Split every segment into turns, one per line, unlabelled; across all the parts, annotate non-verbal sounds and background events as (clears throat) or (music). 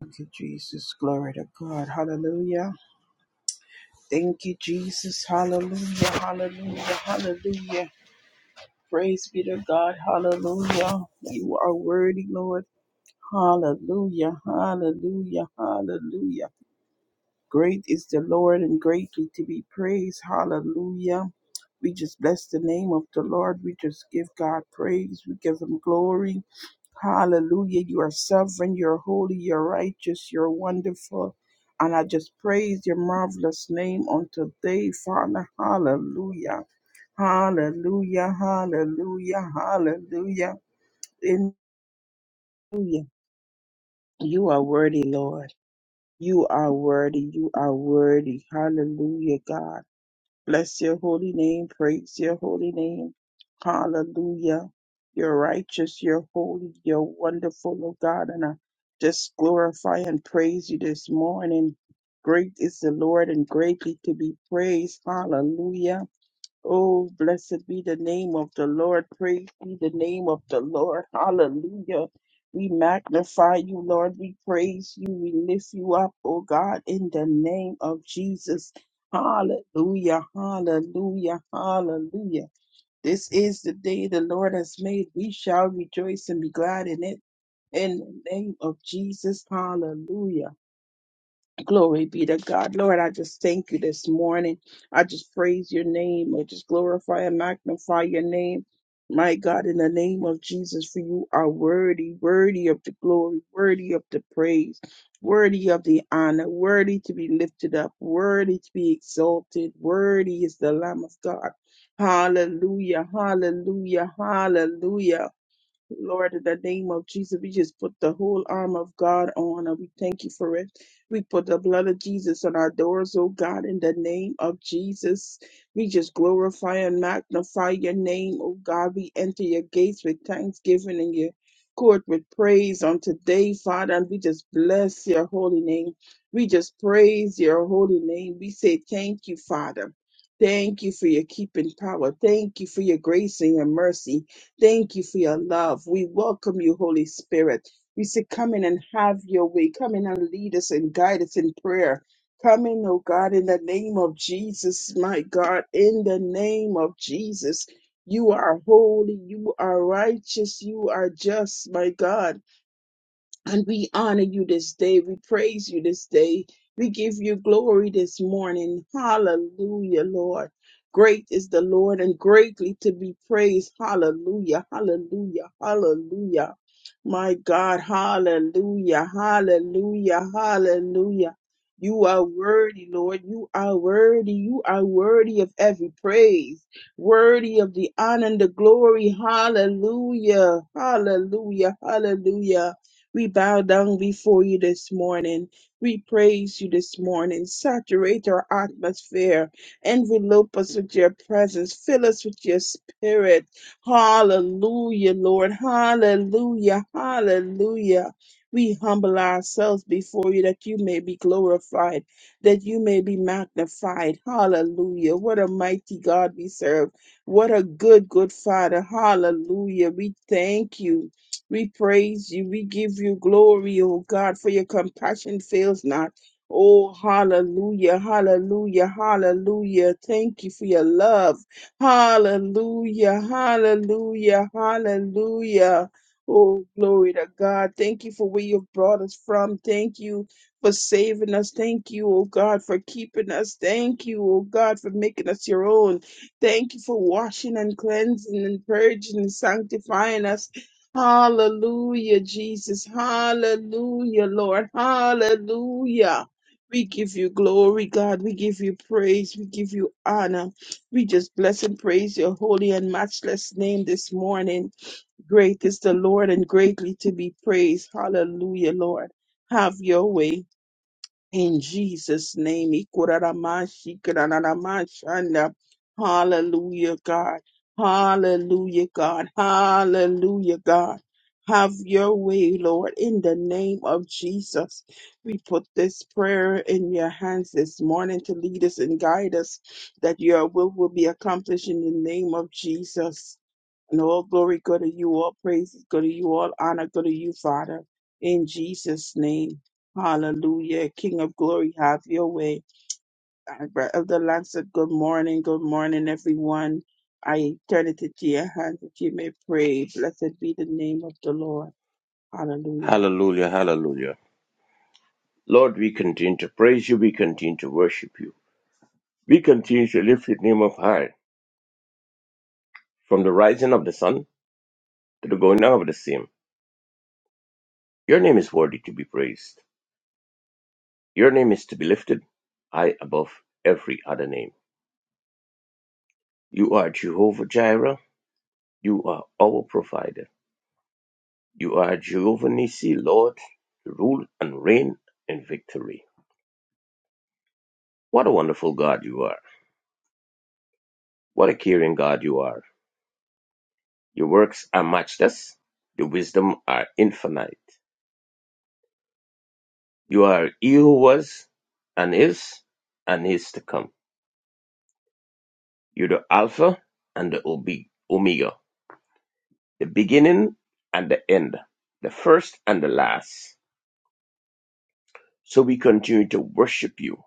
Thank you, Jesus. Glory to God. Hallelujah. Thank you, Jesus. Hallelujah. Hallelujah. Hallelujah. Praise be to God. Hallelujah. You are worthy, Lord. Hallelujah. Hallelujah. Hallelujah. Great is the Lord and greatly to be praised. Hallelujah. We just bless the name of the Lord. We just give God praise. We give him glory. Hallelujah. You are sovereign, you're holy, you're righteous, you're wonderful. And I just praise your marvelous name on today, Father. Hallelujah. Hallelujah. Hallelujah. Hallelujah. In- Hallelujah. You are worthy, Lord. You are worthy. You are worthy. Hallelujah, God. Bless your holy name. Praise your holy name. Hallelujah. You're righteous. You're holy. You're wonderful, oh God. And I just glorify and praise you this morning. Great is the Lord and greatly to be praised. Hallelujah. Oh, blessed be the name of the Lord. Praise be the name of the Lord. Hallelujah. We magnify you, Lord. We praise you. We lift you up, oh God, in the name of Jesus. Hallelujah. Hallelujah. Hallelujah. This is the day the Lord has made. We shall rejoice and be glad in it. In the name of Jesus. Hallelujah. Glory be to God. Lord, I just thank you this morning. I just praise your name. I just glorify and magnify your name. My God, in the name of Jesus, for you are worthy, worthy of the glory, worthy of the praise, worthy of the honor, worthy to be lifted up, worthy to be exalted, worthy is the Lamb of God. Hallelujah, hallelujah, hallelujah. Lord, in the name of Jesus, we just put the whole arm of God on and we thank you for it. We put the blood of Jesus on our doors, oh God, in the name of Jesus. We just glorify and magnify your name, oh God. We enter your gates with thanksgiving and your court with praise on today, Father, and we just bless your holy name. We just praise your holy name. We say thank you, Father. Thank you for your keeping power. Thank you for your grace and your mercy. Thank you for your love. We welcome you, Holy Spirit. We say, come in and have your way. Come in and lead us and guide us in prayer. Come in, oh God, in the name of Jesus, my God, in the name of Jesus. You are holy, you are righteous, you are just, my God. And we honor you this day. We praise you this day. We give you glory this morning. Hallelujah, Lord. Great is the Lord and greatly to be praised. Hallelujah, hallelujah, hallelujah. My God, hallelujah, hallelujah, hallelujah. You are worthy, Lord. You are worthy. You are worthy of every praise, worthy of the honor and the glory. Hallelujah, hallelujah, hallelujah. We bow down before you this morning. We praise you this morning. Saturate our atmosphere. Envelope us with your presence. Fill us with your spirit. Hallelujah, Lord. Hallelujah. Hallelujah. We humble ourselves before you that you may be glorified, that you may be magnified. Hallelujah. What a mighty God we serve. What a good, good Father. Hallelujah. We thank you. We praise you. We give you glory, oh God, for your compassion fails not. Oh, hallelujah, hallelujah, hallelujah. Thank you for your love. Hallelujah, hallelujah, hallelujah. Oh, glory to God. Thank you for where you've brought us from. Thank you for saving us. Thank you, oh God, for keeping us. Thank you, oh God, for making us your own. Thank you for washing and cleansing and purging and sanctifying us. Hallelujah, Jesus. Hallelujah, Lord. Hallelujah. We give you glory, God. We give you praise. We give you honor. We just bless and praise your holy and matchless name this morning. Great is the Lord and greatly to be praised. Hallelujah, Lord. Have your way. In Jesus' name, Ikuraramashi, Kurararamashanda. hallelujah, God. Hallelujah, God. Hallelujah, God. Have your way, Lord, in the name of Jesus. We put this prayer in your hands this morning to lead us and guide us that your will will be accomplished in the name of Jesus. And all glory go to you, all praise go to you, all honor go to you, Father. In Jesus' name. Hallelujah. King of glory, have your way. Uh, Brother of the Lord said, Good morning, good morning, everyone. I turn it into your hands that you may pray. Blessed be the name of the Lord. Hallelujah.
Hallelujah, hallelujah. Lord, we continue to praise you, we continue to worship you. We continue to lift your name up high, from the rising of the sun to the going down of the same. Your name is worthy to be praised. Your name is to be lifted high above every other name. You are Jehovah Jireh, you are our provider. You are Jehovah Nissi, Lord, to rule and reign in victory. What a wonderful God you are. What a caring God you are. Your works are matchless, your wisdom are infinite. You are he who was and is and is to come. You're the Alpha and the Omega, the beginning and the end, the first and the last. So we continue to worship you.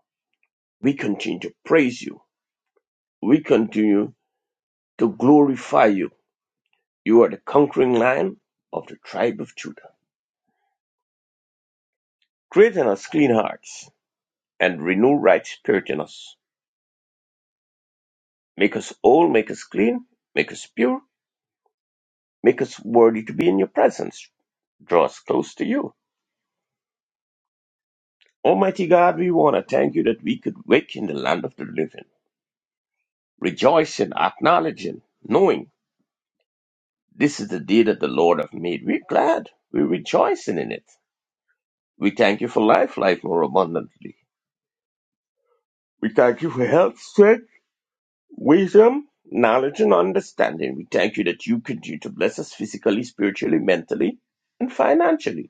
We continue to praise you. We continue to glorify you. You are the conquering lion of the tribe of Judah. Create in us clean hearts and renew right spirit in us. Make us whole, make us clean, make us pure, make us worthy to be in your presence. Draw us close to you. Almighty God, we want to thank you that we could wake in the land of the living, rejoicing, acknowledging, knowing this is the day that the Lord hath made. We're glad. We're rejoicing in it. We thank you for life, life more abundantly. We thank you for health, strength, wisdom, knowledge, and understanding. We thank you that you continue to bless us physically, spiritually, mentally, and financially.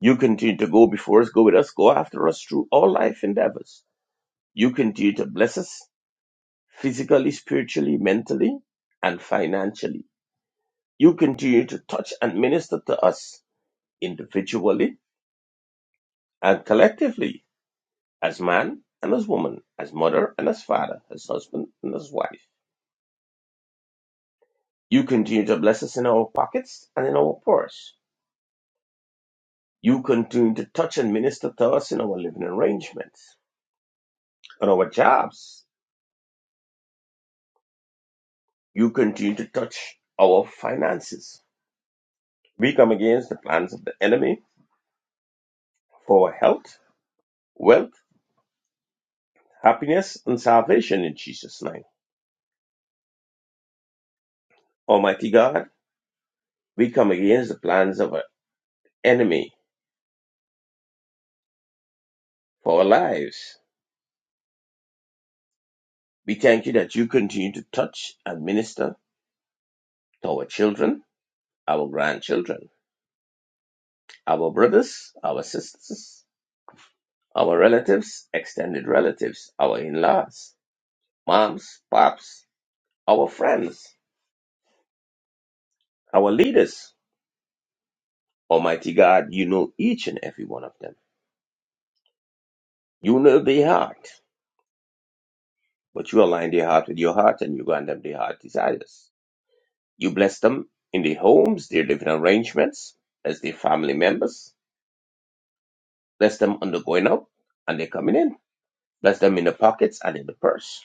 You continue to go before us, go with us, go after us through all life endeavors. You continue to bless us physically, spiritually, mentally, and financially. You continue to touch and minister to us individually and collectively as man and as woman, as mother and as father, as husband and as wife. You continue to bless us in our pockets and in our purse. You continue to touch and minister to us in our living arrangements, on our jobs, You continue to touch our finances. We come against the plans of the enemy for our health, wealth, happiness, and salvation in Jesus' name. Almighty God, we come against the plans of our enemy for our lives. We thank you that you continue to touch and minister to our children, our grandchildren, our brothers, our sisters, our relatives, extended relatives, our in laws, moms, pops, our friends, our leaders, Almighty God, you know each and every one of them. You know their heart, but you align their heart with your heart and you grant them their heart desires. You bless them in their homes, their living arrangements, as their family members, bless them on the going out and they're coming in, bless them in the pockets and in the purse,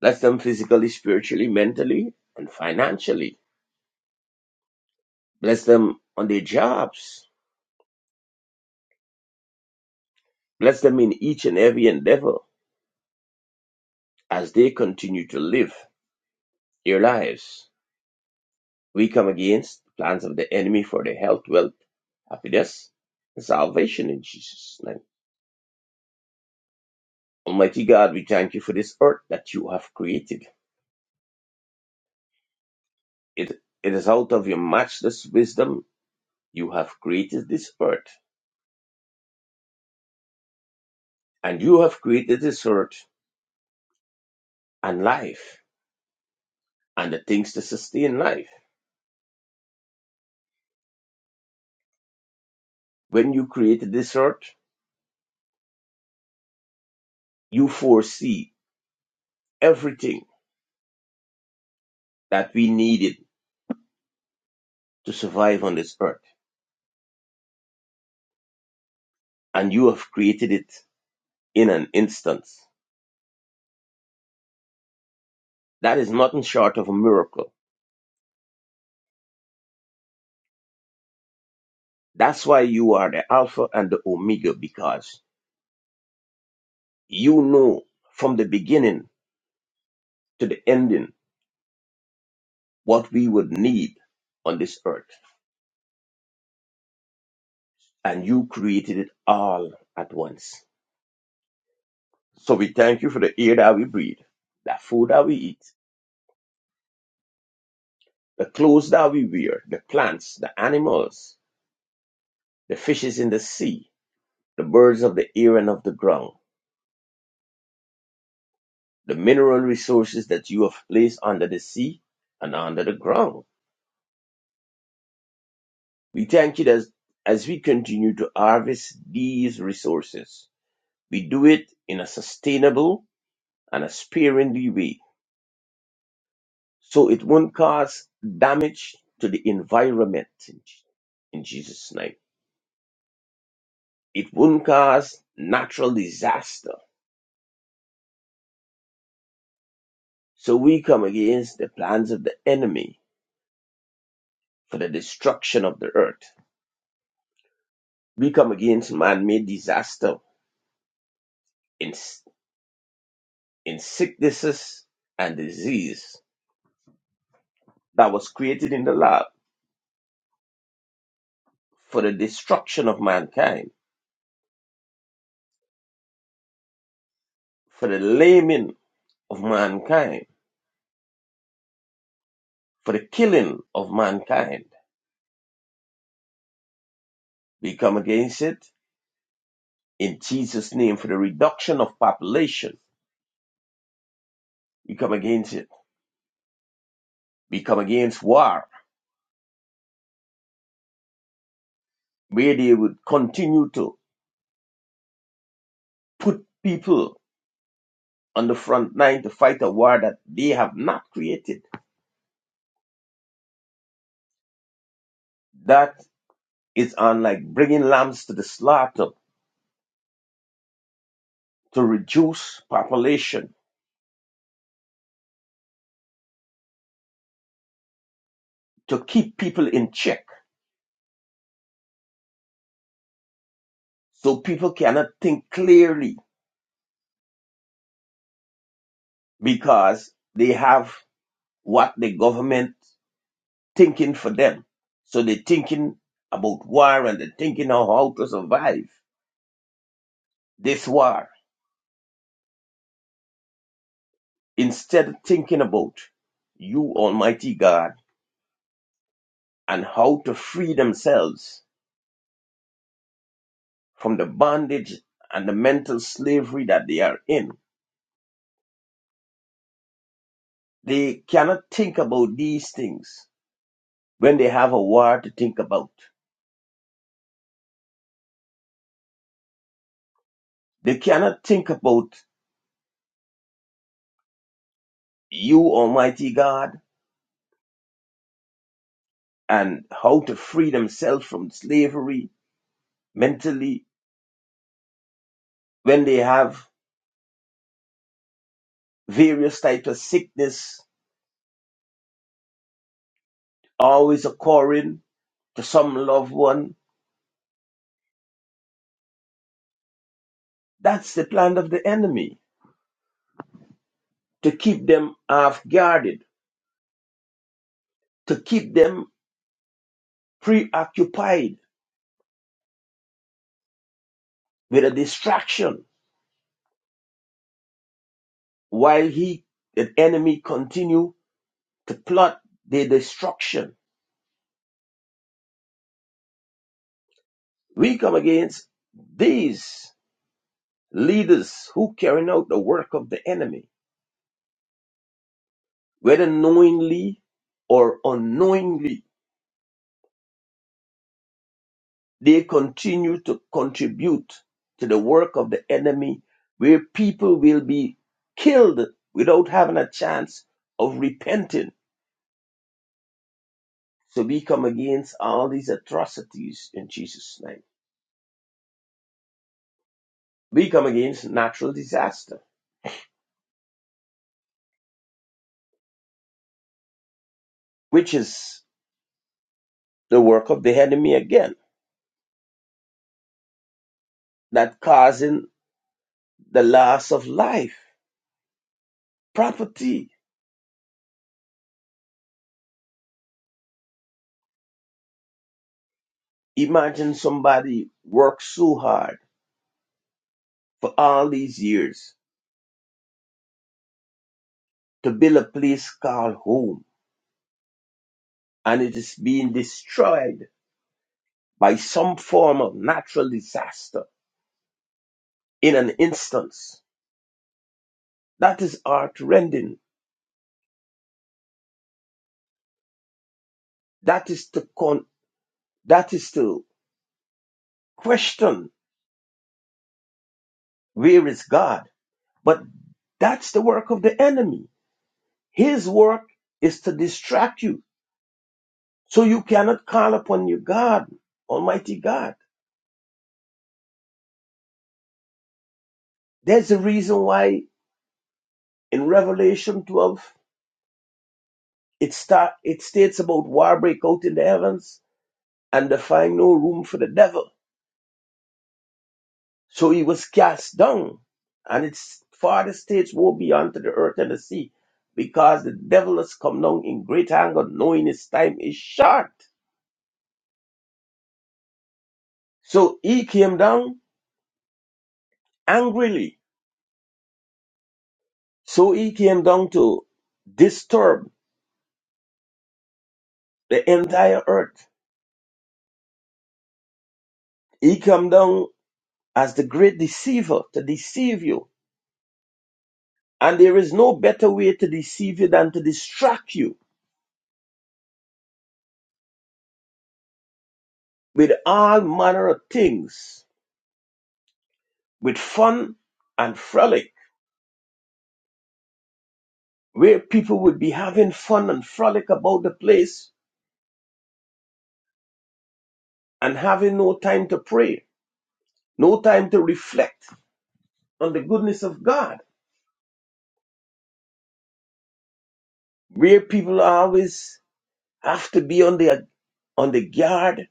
bless them physically, spiritually, mentally, and financially, bless them on their jobs, bless them in each and every endeavor as they continue to live their lives We come against the plans of the enemy for their health, wealth, happiness, and salvation in Jesus' name. Almighty God, we thank you for this earth that you have created. It, it is out of your matchless wisdom you have created this earth. And you have created this earth and life and the things to sustain life. When you created this earth, you foresee everything that we needed to survive on this earth. And you have created it in an instant. That is nothing short of a miracle. That's why you are the Alpha and the Omega because you know from the beginning to the ending what we would need on this earth. And you created it all at once. So we thank you for the air that we breathe, the food that we eat, the clothes that we wear, the plants, the animals, the fishes in the sea, the birds of the air and of the ground, the mineral resources that you have placed under the sea and under the ground We thank you as as we continue to harvest these resources, we do it in a sustainable and a sparingly way so it won't cause damage to the environment in in Jesus' name. It won't cause natural disaster. So we come against the plans of the enemy for the destruction of the earth. We come against man-made disaster in, in sicknesses and disease that was created in the lab for the destruction of mankind, for the laming of mankind, for the killing of mankind. We come against it in Jesus' name for the reduction of population. We come against it. We come against war, where they would continue to put people on the front line to fight a war that they have not created. That is on like bringing lambs to the slaughter to reduce population, to keep people in check so people cannot think clearly because they have what the government thinking for them. So they're thinking about war and they're thinking of how to survive this war instead of thinking about you, Almighty God, and how to free themselves from the bondage and the mental slavery that they are in. They cannot think about these things when they have a war to think about. They cannot think about you, Almighty God, and how to free themselves from slavery mentally when they have various types of sickness always occurring to some loved one. That's the plan of the enemy to keep them half guarded, to keep them preoccupied with a distraction while he, the enemy, continue to plot their destruction. We come against these leaders who carrying out the work of the enemy whether knowingly or unknowingly, they continue to contribute to the work of the enemy where people will be killed without having a chance of repenting. So we come against all these atrocities in Jesus' name. We come against natural disaster, which is the work of the enemy again, that causing the loss of life, property. Imagine somebody worked so hard for all these years to build a place called home, and it is being destroyed by some form of natural disaster in an instance. That is heart rending. That is to con- that is to question where is God. But that's the work of the enemy. His work is to distract you. So you cannot call upon your God, Almighty God. There's a reason why in Revelation 12 it start it states about war break out in the heavens and they find no room for the devil. So he was cast down, and its farther states woe be unto the earth and the sea, because the devil has come down in great anger, knowing his time is short. So he came down angrily. So he came down to disturb the entire earth. He came down as the great deceiver to deceive you. And there is no better way to deceive you than to distract you with all manner of things with fun and frolic, where people would be having fun and frolic about the place and having no time to pray, no time to reflect on the goodness of God, where people always have to be on the on the guard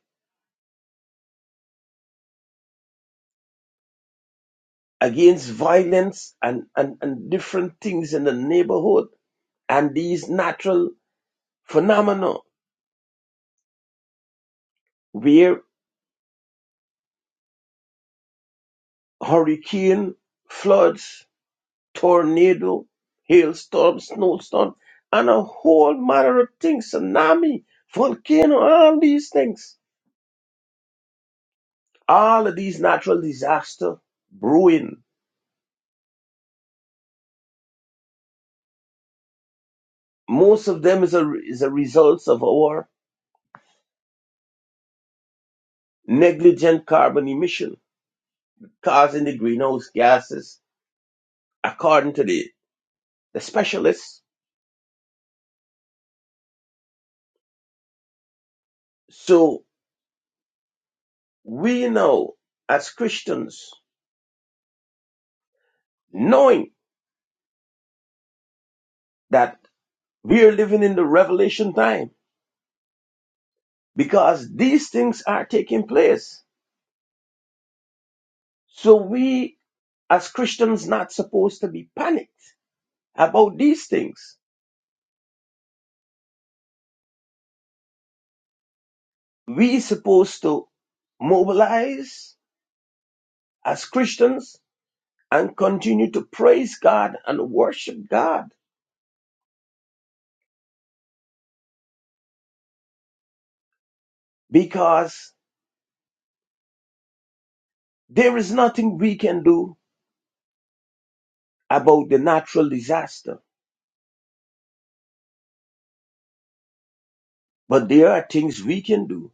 against violence and, and, and different things in the neighborhood and these natural phenomena where hurricane floods tornado, hailstorm, snowstorm, and a whole matter of things, tsunami, volcano, all these things. All of these natural disaster brewing. Most of them is a, is a result of our negligent carbon emission causing the greenhouse gases, according to the, the specialists. So we know as Christians, knowing that we are living in the revelation time, because these things are taking place. So we as Christians not supposed to be panicked about these things. We supposed to mobilize as Christians and continue to praise God and worship God because there is nothing we can do about the natural disaster, but there are things we can do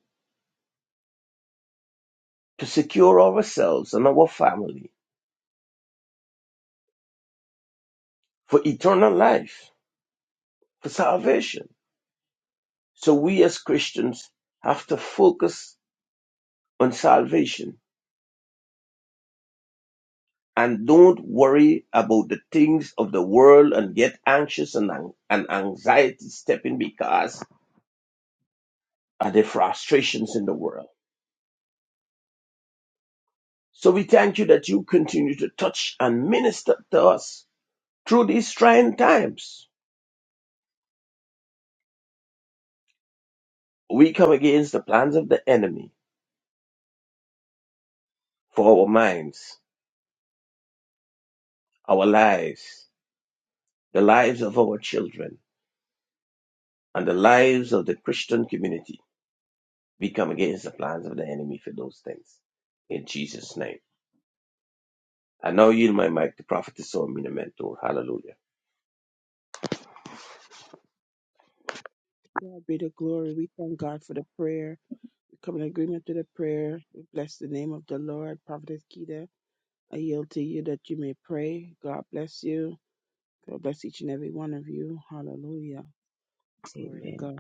to secure ourselves and our family for eternal life, for salvation. So we as Christians have to focus on salvation and don't worry about the things of the world and get anxious and, an- and anxiety stepping because of the frustrations in the world. So we thank you that you continue to touch and minister to us through these trying times. We come against the plans of the enemy for our minds, our lives, the lives of our children, and the lives of the Christian community. We come against the plans of the enemy for those things. In Jesus' name. I now yield my mic to Prophetess Sormina Mentor. Hallelujah.
God be the glory. We thank God for the prayer. We come in agreement to the prayer. We bless the name of the Lord. Prophetess Keita, I yield to you that you may pray. God bless you. God bless each and every one of you. Hallelujah. Glory to
Amen.
God.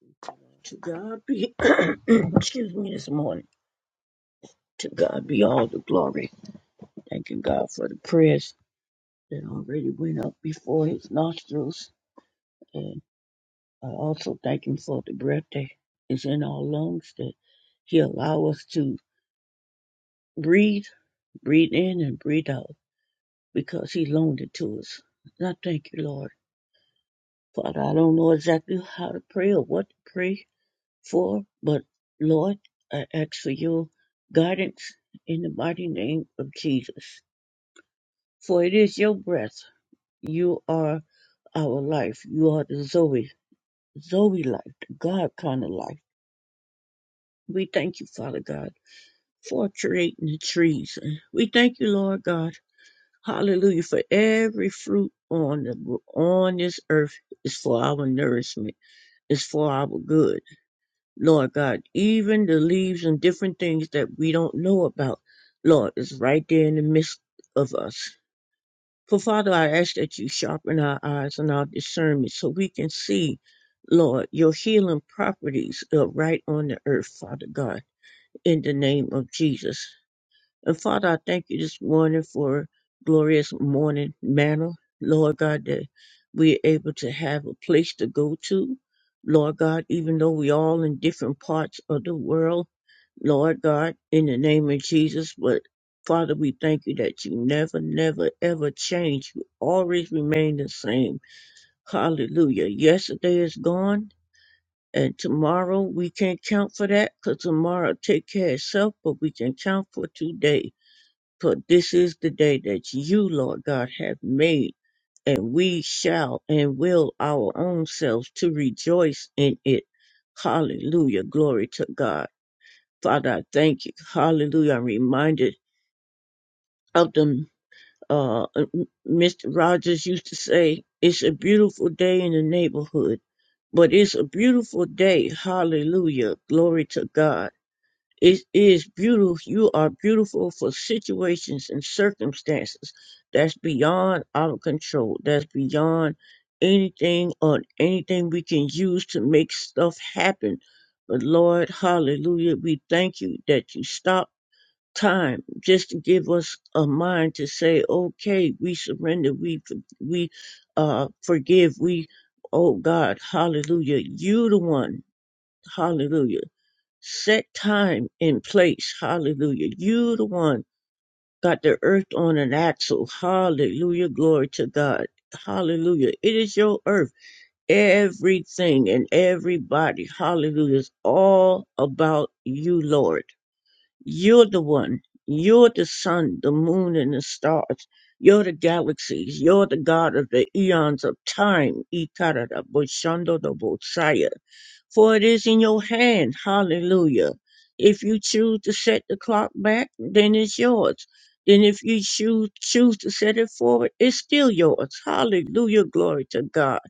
Thank you, Lord.
To God be, (clears throat) excuse me this morning. To God be all the glory. Thanking God for the prayers that already went up before his nostrils. And I also thank him for the breath that is in our lungs that he allow us to breathe, breathe in and breathe out because he loaned it to us. And I thank you, Lord. Father, I don't know exactly how to pray or what to pray, for, but Lord, I ask for your guidance in the mighty name of Jesus. For it is your breath. You are our life. You are the Zoe, Zoe life, the God kind of life. We thank you, Father God, for creating the trees. We thank you, Lord God. Hallelujah for every fruit on the on this earth is for our nourishment. is for our good. Lord God, even the leaves and different things that we don't know about, Lord, is right there in the midst of us. For Father, I ask that you sharpen our eyes and our discernment so we can see, Lord, your healing properties are right on the earth, Father God, in the name of Jesus. And Father, I thank you this morning for glorious morning manna, Lord God, that we're able to have a place to go to. Lord God, even though we all in different parts of the world, Lord God, in the name of Jesus, but Father, we thank you that you never, never, ever change. You always remain the same. Hallelujah. Yesterday is gone, and tomorrow we can't count for that because tomorrow take care of itself, but we can count for today. For this is the day that you, Lord God, have made, and we shall and will our own selves to rejoice in it. Hallelujah. Glory to God. Father, I thank you. Hallelujah. I'm reminded of the uh, Mr. Rogers used to say, it's a beautiful day in the neighborhood, but it's a beautiful day. Hallelujah. Glory to God it is beautiful. You are beautiful for situations and circumstances that's beyond our control. That's beyond anything or anything we can use to make stuff happen. But Lord, hallelujah, we thank you that you stop time just to give us a mind to say, okay, we surrender, we, we, uh, forgive, we, oh God, hallelujah, you the one, hallelujah Set time and place. Hallelujah. You the one got the earth on an axle. Hallelujah. Glory to God. Hallelujah. It is your earth. Everything and everybody. Hallelujah. It's all about you, Lord. You're the one. You're the sun, the moon, and the stars. You're the galaxies. You're the God of the eons of time. Ikarada, Boshando, the Bosaya for it is in your hand. Hallelujah. If you choose to set the clock back, then it's yours. Then if you choose, choose to set it forward, it's still yours. Hallelujah. Glory to God.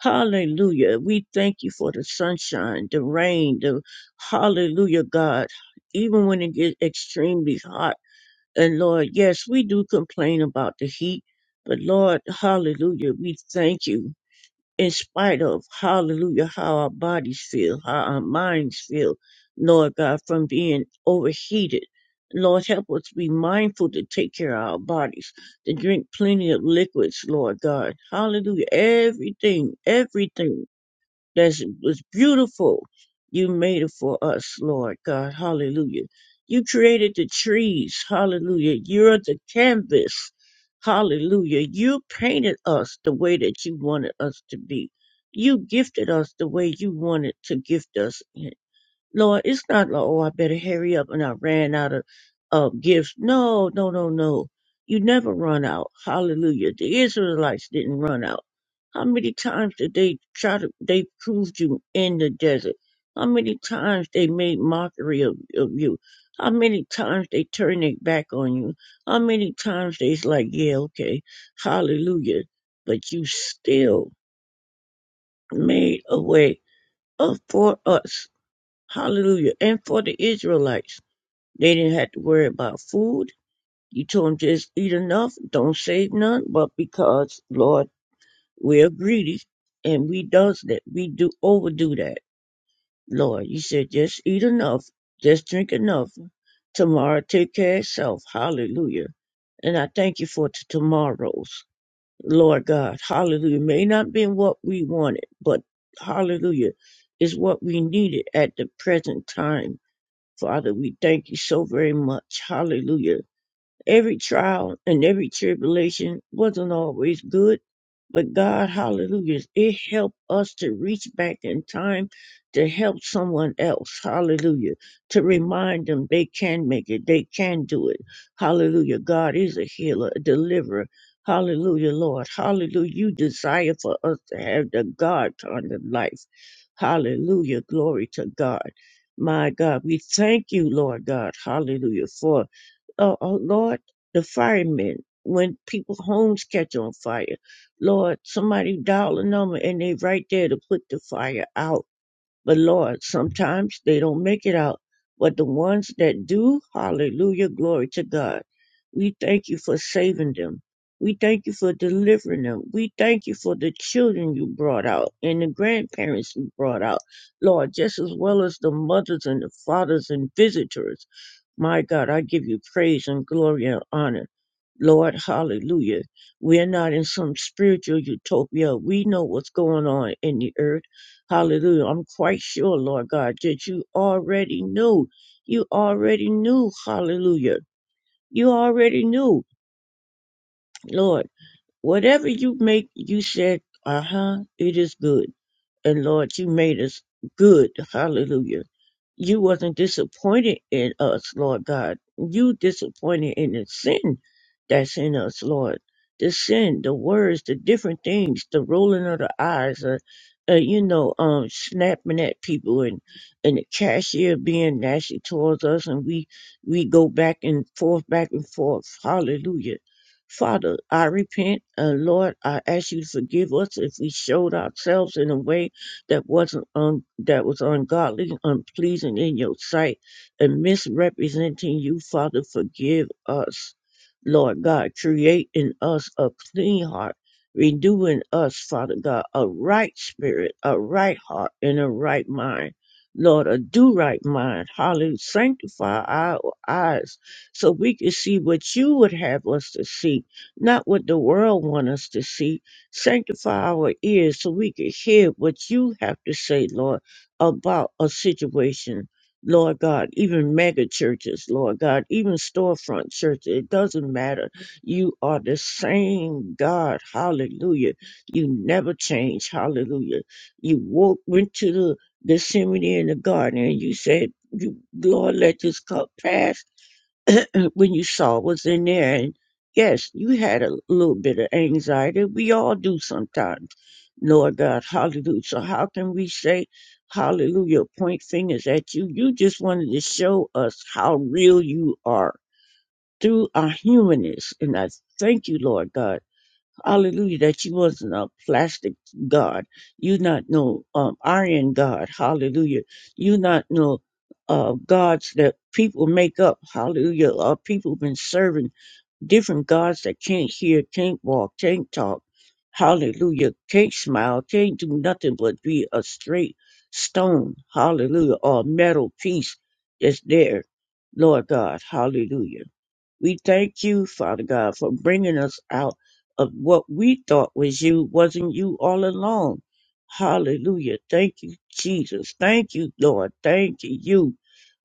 Hallelujah. We thank you for the sunshine, the rain, the hallelujah, God. Even when it gets extremely hot. And Lord, yes, we do complain about the heat, but Lord, hallelujah, we thank you in spite of, hallelujah, how our bodies feel, how our minds feel, Lord God, from being overheated. Lord, help us to be mindful to take care of our bodies, to drink plenty of liquids, Lord God. Hallelujah. Everything, everything. That was beautiful. You made it for us, Lord God. Hallelujah. You created the trees. Hallelujah. You're the canvas. Hallelujah. You painted us the way that you wanted us to be. You gifted us the way you wanted to gift us. Lord, it's not like, oh, I better hurry up and I ran out of uh, gifts. No, no, no, no. You never run out. Hallelujah. The Israelites didn't run out. How many times did they try to, they proved you in the desert? How many times they made mockery of, of you? How many times they turned their back on you? How many times they's like, yeah, okay, hallelujah. But you still made a way uh, for us. Hallelujah. And for the Israelites, they didn't have to worry about food. You told them just eat enough, don't save none. But because, Lord, we're greedy and we does that, we do overdo that. Lord, you said just eat enough, just drink enough. Tomorrow take care of itself. Hallelujah. And I thank you for t- tomorrows. Lord God, hallelujah. May not been what we wanted, but hallelujah is what we needed at the present time Father, we thank you so very much. Hallelujah. Every trial and every tribulation wasn't always good, but God, hallelujah, it helped us to reach back in time to help someone else, hallelujah, to remind them they can make it, they can do it. Hallelujah. God is a healer, a deliverer. Hallelujah, Lord. Hallelujah. You desire for us to have the God kind of life. Hallelujah. Glory to God. My God, we thank you, Lord God. Hallelujah. For oh, oh Lord, the firemen, when people homes catch on fire, Lord, somebody dial a number and they right there to put the fire out. But Lord, sometimes they don't make it out. But the ones that do, hallelujah, glory to God. We thank you for saving them. We thank you for delivering them. We thank you for the children you brought out and the grandparents you brought out, Lord, just as well as the mothers and the fathers and visitors. My God, I give you praise and glory and honor. Lord, hallelujah. We're not in some spiritual utopia. We know what's going on in the earth. Hallelujah. I'm quite sure, Lord God, that you already knew. You already knew. Hallelujah. You already knew, Lord. Whatever you make, you said, uh huh, it is good. And Lord, you made us good. Hallelujah you wasn't disappointed in us, Lord God. You disappointed in the sin that's in us, Lord. The sin, the words, the different things, the rolling of the eyes, or, uh, you know, um, snapping at people, and and the cashier being nasty towards us, and we we go back and forth, back and forth. Hallelujah. Father, I repent, uh, Lord. I ask you to forgive us if we showed ourselves in a way that wasn't un, that was ungodly, unpleasing in your sight, and misrepresenting you, Father, forgive us. Lord God, create in us a clean heart, renew in us, Father God, a right spirit, a right heart, and a right mind. Lord, a do right mind. Hallelujah. Sanctify our eyes so we can see what you would have us to see, not what the world want us to see Sanctify our ears so we can hear what you have to say, Lord, about a situation, Lord God, even mega churches, Lord God, even storefront churches. It doesn't matter. You are the same God. Hallelujah. You never change. Hallelujah. You walked, went to the, the Gethsemane in the garden and you said, you, Lord, let this cup pass (coughs) (clears throat) when you saw what's in there. And yes, you had a little bit of anxiety. We all do sometimes. Lord God, hallelujah. So how can we say hallelujah, point fingers at you? You just wanted to show us how real you are through our humanness. And I thank you, Lord God. Hallelujah. That you wasn't a plastic God. You not no um, iron God. Hallelujah. You not no uh, gods that people make up. Hallelujah. Uh, people been serving different gods that can't hear, can't walk, can't talk. Hallelujah. Can't smile, can't do nothing but be a straight stone. Hallelujah. Or a metal piece that's there. Lord God. Hallelujah. We thank you, Father God, for bringing us out of what we thought was you, wasn't you all along. Hallelujah. Thank you, Jesus. Thank you, Lord. Thank you.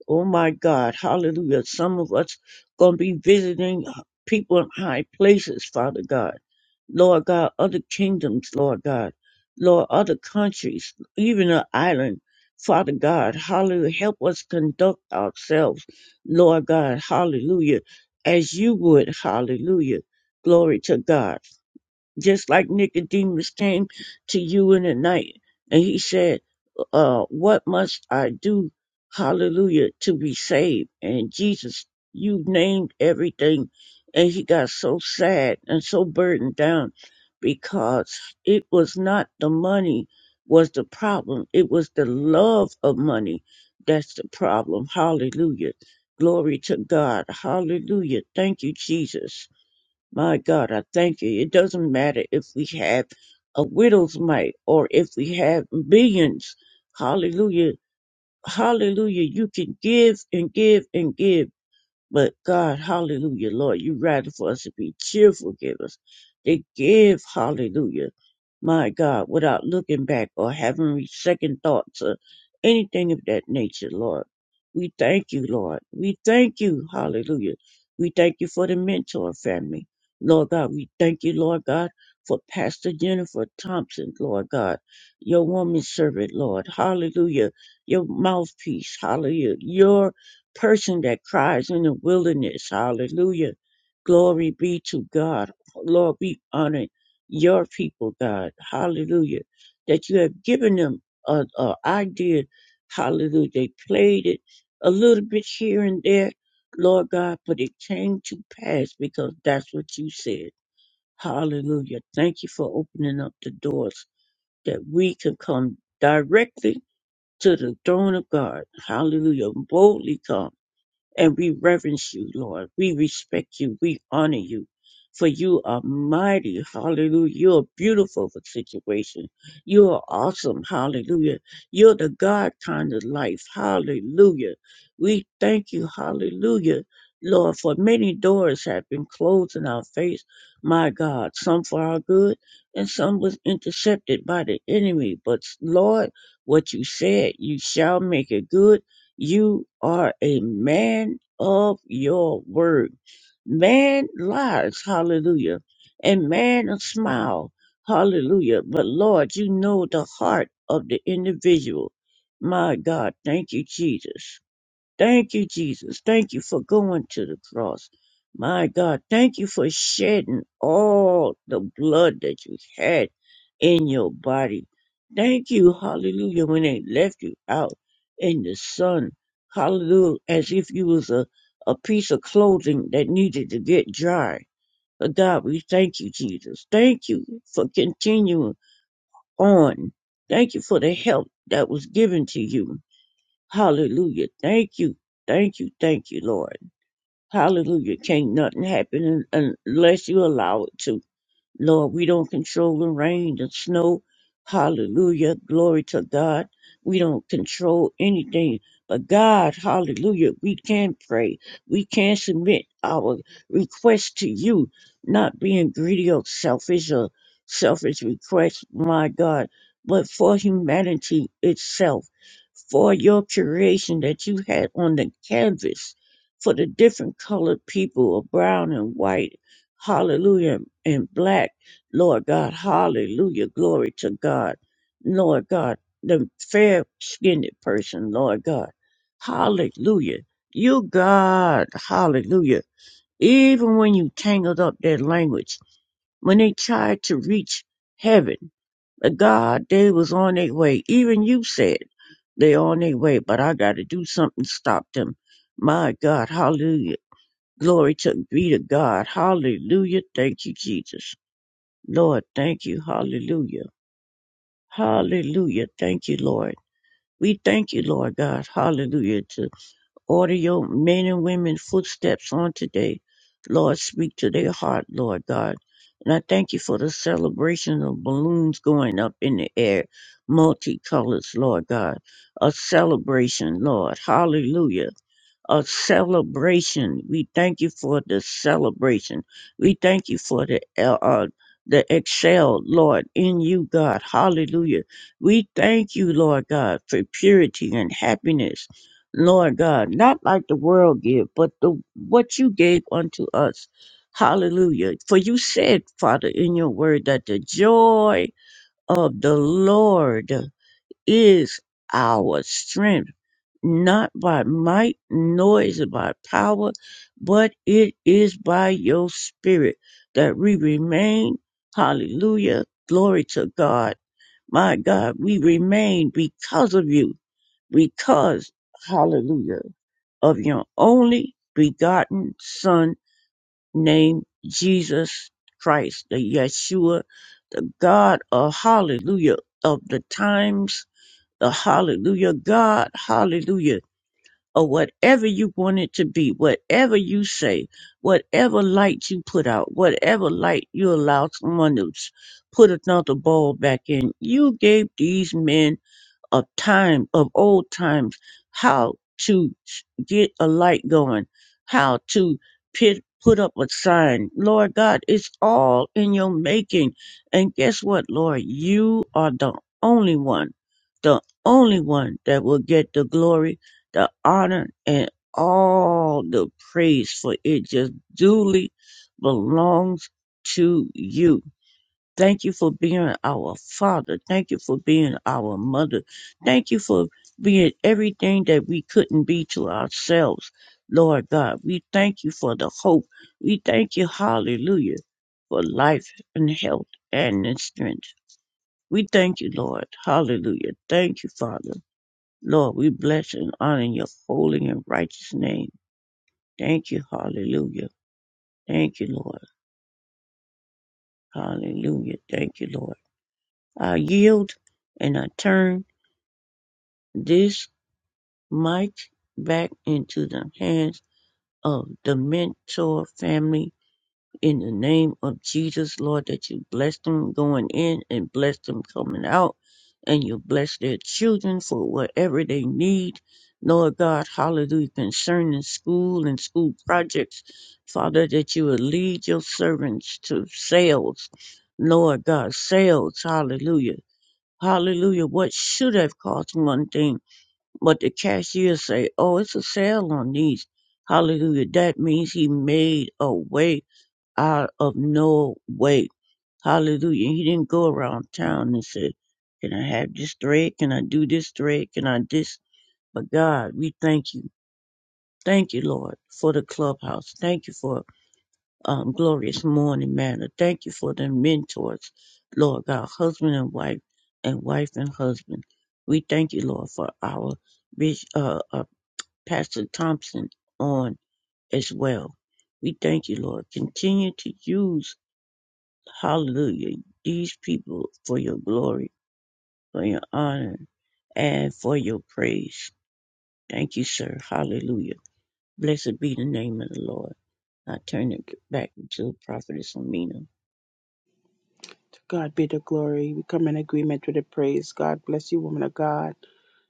Oh my God, hallelujah. Some of us gonna be visiting people in high places, Father God. Lord God, other kingdoms, Lord God. Lord, other countries, even an island. Father God, hallelujah. Help us conduct ourselves, Lord God, hallelujah, as you would, hallelujah. Glory to God just like Nicodemus came to you in the night and he said, uh, what must I do? Hallelujah to be saved. And Jesus, you named everything. And he got so sad and so burdened down because it was not the money was the problem. It was the love of money. That's the problem. Hallelujah. Glory to God. Hallelujah. Thank you, Jesus. My God, I thank you. It doesn't matter if we have a widow's mite or if we have billions. Hallelujah. Hallelujah. You can give and give and give. But God, hallelujah, Lord, you rather for us to be cheerful givers. They give, hallelujah, my God, without looking back or having re- second thoughts or anything of that nature, Lord. We thank you, Lord. We thank you, hallelujah. We thank you for the mentor family. Lord God, we thank you, Lord God, for Pastor Jennifer Thompson, Lord God, your woman servant, Lord. Hallelujah. Your mouthpiece, hallelujah. Your person that cries in the wilderness. Hallelujah. Glory be to God. Lord, we honor your people, God. Hallelujah. That you have given them an idea. Hallelujah. They played it a little bit here and there, Lord God, but it came to pass because that's what you said. Hallelujah. Thank you for opening up the doors that we can come directly to the throne of God. Hallelujah. Boldly come and we reverence you, Lord. We respect you. We honor you. For you are mighty. Hallelujah. You're beautiful for situation. You are awesome. Hallelujah. You're the God kind of life. Hallelujah. We thank you. Hallelujah. Lord, for many doors have been closed in our face, my God, some for our good and some was intercepted by the enemy. But Lord, what you said, you shall make it good you are a man of your word. Man lies, hallelujah, and man a smile, hallelujah. But Lord, you know the heart of the individual. My God, thank you, Jesus. Thank you, Jesus. Thank you for going to the cross. My God, thank you for shedding all the blood that you had in your body. Thank you, hallelujah, when they left you out in the sun. Hallelujah, as if you was a, a piece of clothing that needed to get dry. But God, we thank you, Jesus. Thank you for continuing on. Thank you for the help that was given to you. Hallelujah. Thank you. Thank you. Thank you, Lord. Hallelujah. Can't nothing happen un- unless you allow it to. Lord, we don't control the rain, the snow. Hallelujah. Glory to God. We don't control anything. But God, hallelujah, we can pray. We can submit our requests to you, not being greedy or selfish or selfish requests, my God, but for humanity itself, for your creation that you had on the canvas, for the different colored people of brown and white hallelujah, and black, Lord God, hallelujah, glory to God, Lord God, the fair skinned person, Lord God, hallelujah, you God, hallelujah, even when you tangled up their language, when they tried to reach heaven, but God, they was on their way, even you said, they on their way, but I gotta do something to stop them. My God, hallelujah. Glory to be to God. Hallelujah. Thank you, Jesus. Lord, thank you. Hallelujah. Hallelujah. Thank you, Lord. We thank you, Lord God. Hallelujah. To order your men and women footsteps on today. Lord, speak to their heart, Lord God. And I thank you for the celebration of balloons going up in the air, multicolors, Lord God. A celebration, Lord. Hallelujah a celebration. We thank you for the celebration. We thank you for the uh, uh, the excel, Lord, in you, God. Hallelujah. We thank you, Lord God, for purity and happiness, Lord God. Not like the world give, but the what you gave unto us. Hallelujah. For you said, Father, in your word that the joy of the Lord is our strength, not by might, nor is it by power, but it is by your spirit that we remain. Hallelujah. Glory to God. My God, we remain because of you, because, hallelujah, of your only begotten son named Jesus Christ, the Yeshua, the God of hallelujah of the times the hallelujah God, hallelujah, or whatever you want it to be, whatever you say, whatever light you put out, whatever light you allow someone to s- put another bulb back in. You gave these men of time of old times how to s- get a light going how to pit, put up a sign lord god it's all in your making and guess what lord you are the only one the only one that will get the glory the honor and all the praise for it just duly belongs to you Thank you for being our father. Thank you for being our mother. Thank you for being everything that we couldn't be to ourselves, Lord God. We thank you for the hope. We thank you, hallelujah, for life and health and in strength. We thank you, Lord. Hallelujah. Thank you, Father. Lord, we bless and honor your holy and righteous name. Thank you, hallelujah. Thank you, Lord. Hallelujah. Thank you, Lord. I yield and I turn This might back into the hands of the Mentor family in the name of Jesus, Lord, that you bless them going in and bless them coming out, and you bless their children for whatever they need. Lord God, hallelujah, concerning school and school projects, Father, that you will lead your servants to sales. Lord God, sales, hallelujah. Hallelujah. What should have cost one thing? But the cashier say, oh, it's a sale on these. Hallelujah. That means he made a way out of no way. Hallelujah. He didn't go around town and say, can I have this thread? Can I do this thread? Can I this? But God, we thank you. Thank you, Lord, for the clubhouse. Thank you for um, glorious morning manner. Thank you for the mentors, Lord God, husband and wife and wife and husband. We thank you, Lord, for our bishop. Pastor Thompson on as well. We thank you, Lord. Continue to use, hallelujah, these people for your glory, for your honor, and for your praise. Thank you, sir. Hallelujah. Blessed be the name of the Lord. I turn it back to Prophetess Amina.
To God be the glory. We come in agreement with the praise. God bless you, woman of God.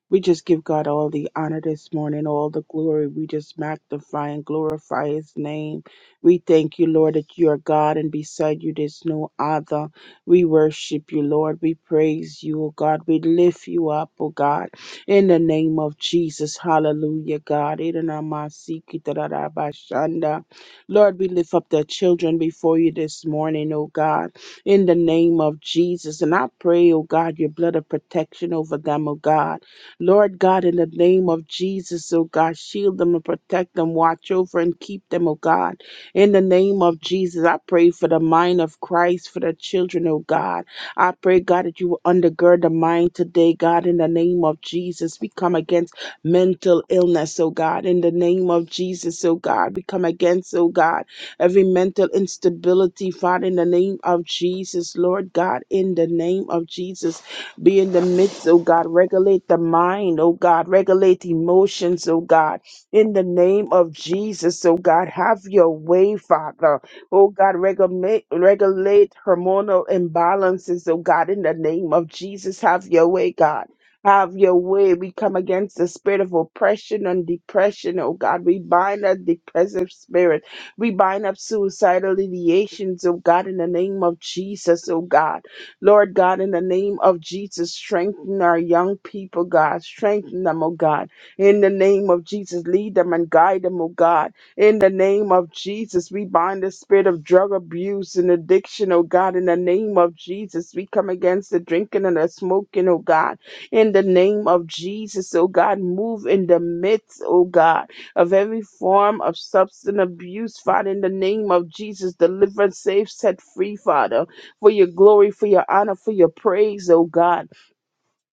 We just give God all the honor this morning, all the glory. We just magnify and glorify His name. We thank you, Lord, that you are God and beside you there's no other. We worship you, Lord. We praise you, O God. We lift you up, O God, in the name of Jesus. Hallelujah, God. Irenamasiki-tararabashanda. Lord, we lift up the children before you this morning, O God, in the name of Jesus. And I pray, O God, your blood of protection over them, O God. Lord God, in the name of Jesus, oh God, shield them and protect them, watch over and keep them, oh God. In the name of Jesus, I pray for the mind of Christ, for the children, oh God. I pray, God, that you will undergird the mind today, God, in the name of Jesus. We come against mental illness, oh God, in the name of Jesus, oh God. We come against, oh God, every mental instability, Father, in the name of Jesus, Lord God, in the name of Jesus. Be in the midst, oh God. Regulate the mind, oh God. Regulate emotions, oh God. In the name of Jesus, oh God. Have your way, Father. Oh God, regulate, regulate hormonal imbalances, oh God. In the name of Jesus, have your way, God. Have your way. We come against the spirit of oppression and depression, oh God. We bind that depressive spirit. We bind up suicidal ideations, oh God, in the name of Jesus, oh God. Lord God, in the name of Jesus, strengthen our young people, God. Strengthen them, oh God. In the name of Jesus, lead them and guide them, oh God. In the name of Jesus, we bind the spirit of drug abuse and addiction, oh God. In the name of Jesus, we come against the drinking and the smoking, oh God. In the name of Jesus, oh God, move in the midst, oh God, of every form of substance abuse, Father. In the name of Jesus, deliver, save, set free, Father for your glory, for your honor, for your praise, oh God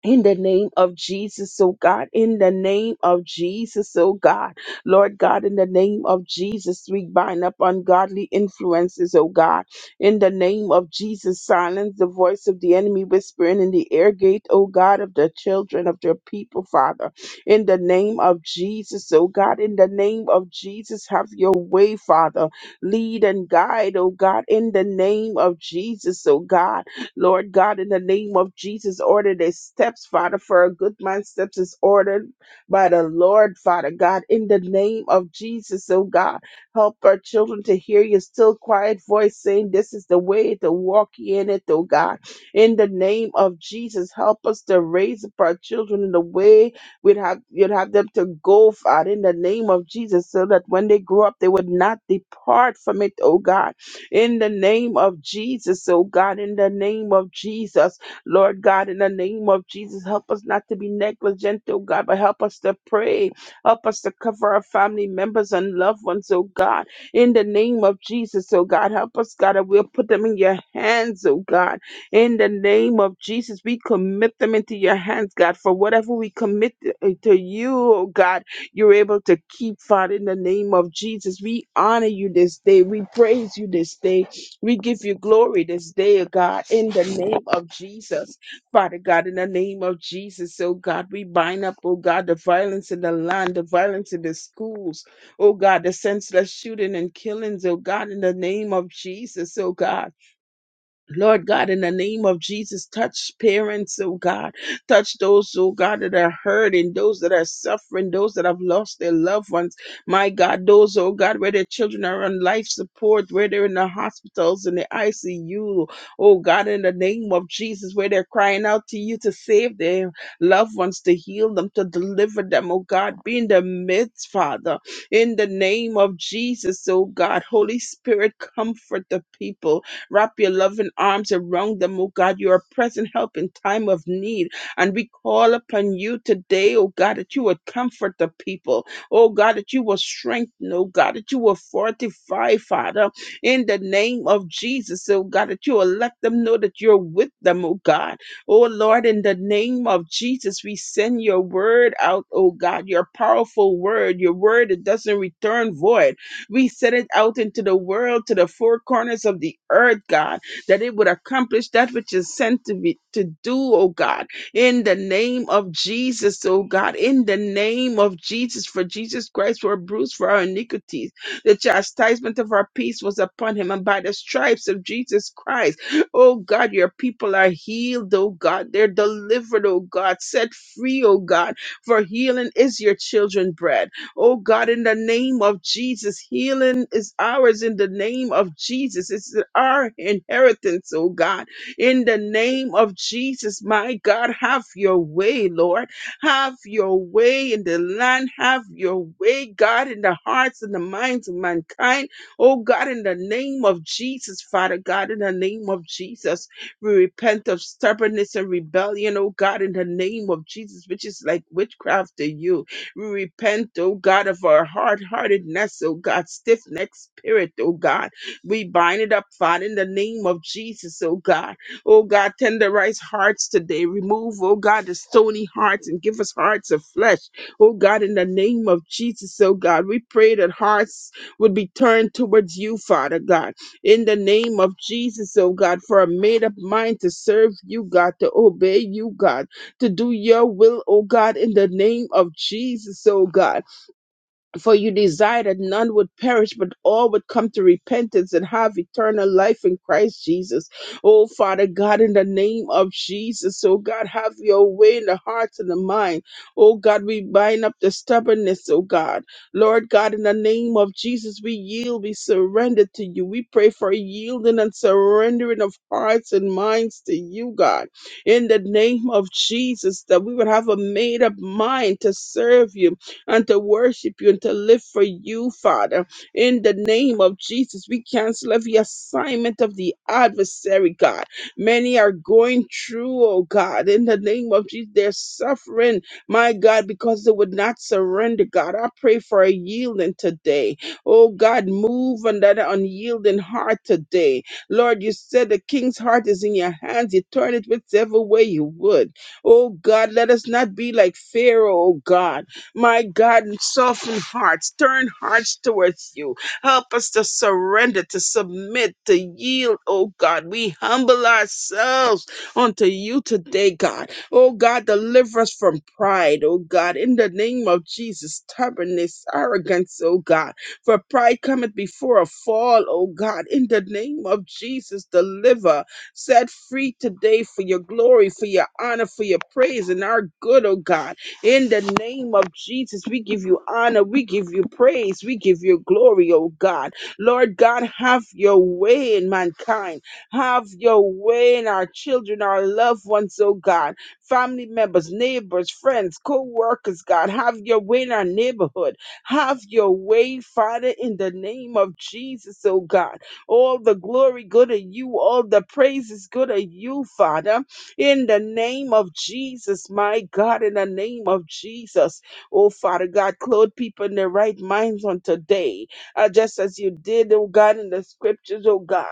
in the name of Jesus, oh God, in the name of Jesus, oh God, Lord God, in the name of Jesus, we bind up ungodly influences, oh God, in the name of Jesus, silence the voice of the enemy whispering in the air gate, oh God, of the children of their people, Father, in the name of Jesus, oh God, in the name of Jesus, have your way, Father, lead and guide, oh God, in the name of Jesus, oh God Lord God, in the name of Jesus, order their steps, Father, for a good man's steps is ordered by the Lord, Father God, in the name of Jesus, oh God. Help our children to hear your still quiet voice saying, This is the way to walk ye in it, oh God. In the name of Jesus, help us to raise up our children in the way we'd have you'd have them to go, Father, in the name of Jesus, so that when they grow up, they would not depart from it, oh God in the name of Jesus, oh God, in the name of Jesus. Lord God, in the name of Jesus, help us not to be negligent, oh God, but help us to pray. Help us to cover our family members and loved ones, oh God, in the name of Jesus, oh God. Help us, God, that we'll put them in your hands, oh God, in the name of Jesus. We commit them into your hands, God, for whatever we commit to you, oh God. You're able to keep, Father, in the name of Jesus. We honor you this day. We praise you this day. We give you glory this day, oh God, in the name of Jesus. Father God, in the name of Jesus, oh God, we bind up, oh God, the violence in the land, the violence in the schools, oh God, the senseless shooting and killings, oh God, in the name of Jesus, oh God. Lord God, in the name of Jesus, touch parents, oh God. Touch those, oh God, that are hurting, those that are suffering, those that have lost their loved ones. My God, those, oh God, where their children are on life support, where they're in the hospitals, in the ICU. Oh God, in the name of Jesus, where they're crying out to you to save their loved ones, to heal them, to deliver them, oh God. Be in the midst, Father. In the name of Jesus, oh God. Holy Spirit, comfort the people. Wrap your loving arms around them, oh God. You are present help in time of need. And we call upon you today, oh God, that you would comfort the people. Oh God, that you will strengthen, oh God, that you will fortify, Father, in the name of Jesus. Oh God, that you will let them know that you're with them, oh God. Oh Lord, in the name of Jesus, we send your word out, oh God, your powerful word, your word that doesn't return void. We send it out into the world to the four corners of the earth, God, that it would accomplish that which is sent to be to do, oh God, in the name of Jesus, oh God, in the name of Jesus, for Jesus Christ were bruised for our iniquities. The chastisement of our peace was upon him, and by the stripes of Jesus Christ, oh God, your people are healed, oh God, they're delivered, oh God, set free, oh God, for healing is your children's bread. Oh God, in the name of Jesus, healing is ours in the name of Jesus. It's our inheritance, oh God. In the name of Jesus, my God, have your way, Lord. Have your way in the land. Have your way, God, in the hearts and the minds of mankind. Oh God, in the name of Jesus, Father God, in the name of Jesus, we repent of stubbornness and rebellion, oh God, in the name of Jesus, which is like witchcraft to you. We repent, oh God, of our hard heartedness, oh God, stiff necked spirit, oh God. We bind it up, Father, in the name of Jesus, oh God. Oh God, tenderize hearts today. Remove, oh God, the stony hearts and give us hearts of flesh, oh God, in the name of Jesus, oh God. We pray that hearts would be turned towards you, Father God, in the name of Jesus, oh God, for a made up mind to serve you, God, to obey you, God to do your will, oh God, in the name of Jesus, oh God. For you desire that none would perish, but all would come to repentance and have eternal life in Christ Jesus. Oh, Father God, in the name of Jesus, oh God, have your way in the hearts and the mind. Oh God, we bind up the stubbornness, oh God. Lord God, in the name of Jesus, we yield, we surrender to you. We pray for yielding and surrendering of hearts and minds to you, God. In the name of Jesus, that we would have a made up mind to serve you and to worship you and to live for you, Father. In the name of Jesus, we cancel every assignment of the adversary, God. Many are going through, oh God. In the name of Jesus, they're suffering, my God, because they would not surrender, God. I pray for a yielding today. Oh God, move on that unyielding heart today. Lord, you said the king's heart is in your hands. You turn it whichever way you would. Oh God, let us not be like Pharaoh, oh God. My God, soften hearts, turn hearts towards you. Help us to surrender, to submit, to yield, oh God. We humble ourselves unto you today, God. Oh God, deliver us from pride, oh God. In the name of Jesus, stubbornness, arrogance, oh God. For pride cometh before a fall, oh God. In the name of Jesus, deliver. Set free today for your glory, for your honor, for your praise, and our good, oh God. In the name of Jesus, we give you honor, we give you praise, we give you glory, oh God. Lord God, have your way in mankind, have your way in our children, our loved ones, oh God, family members, neighbors, friends, co workers, God, have your way in our neighborhood, have your way, Father, in the name of Jesus, oh God. All the glory go to you, all the praise is go to you, Father in the name of Jesus, my God, in the name of Jesus. Oh, Father God, clothe people in their right minds on today, uh, just as you did, oh God, in the scriptures, oh God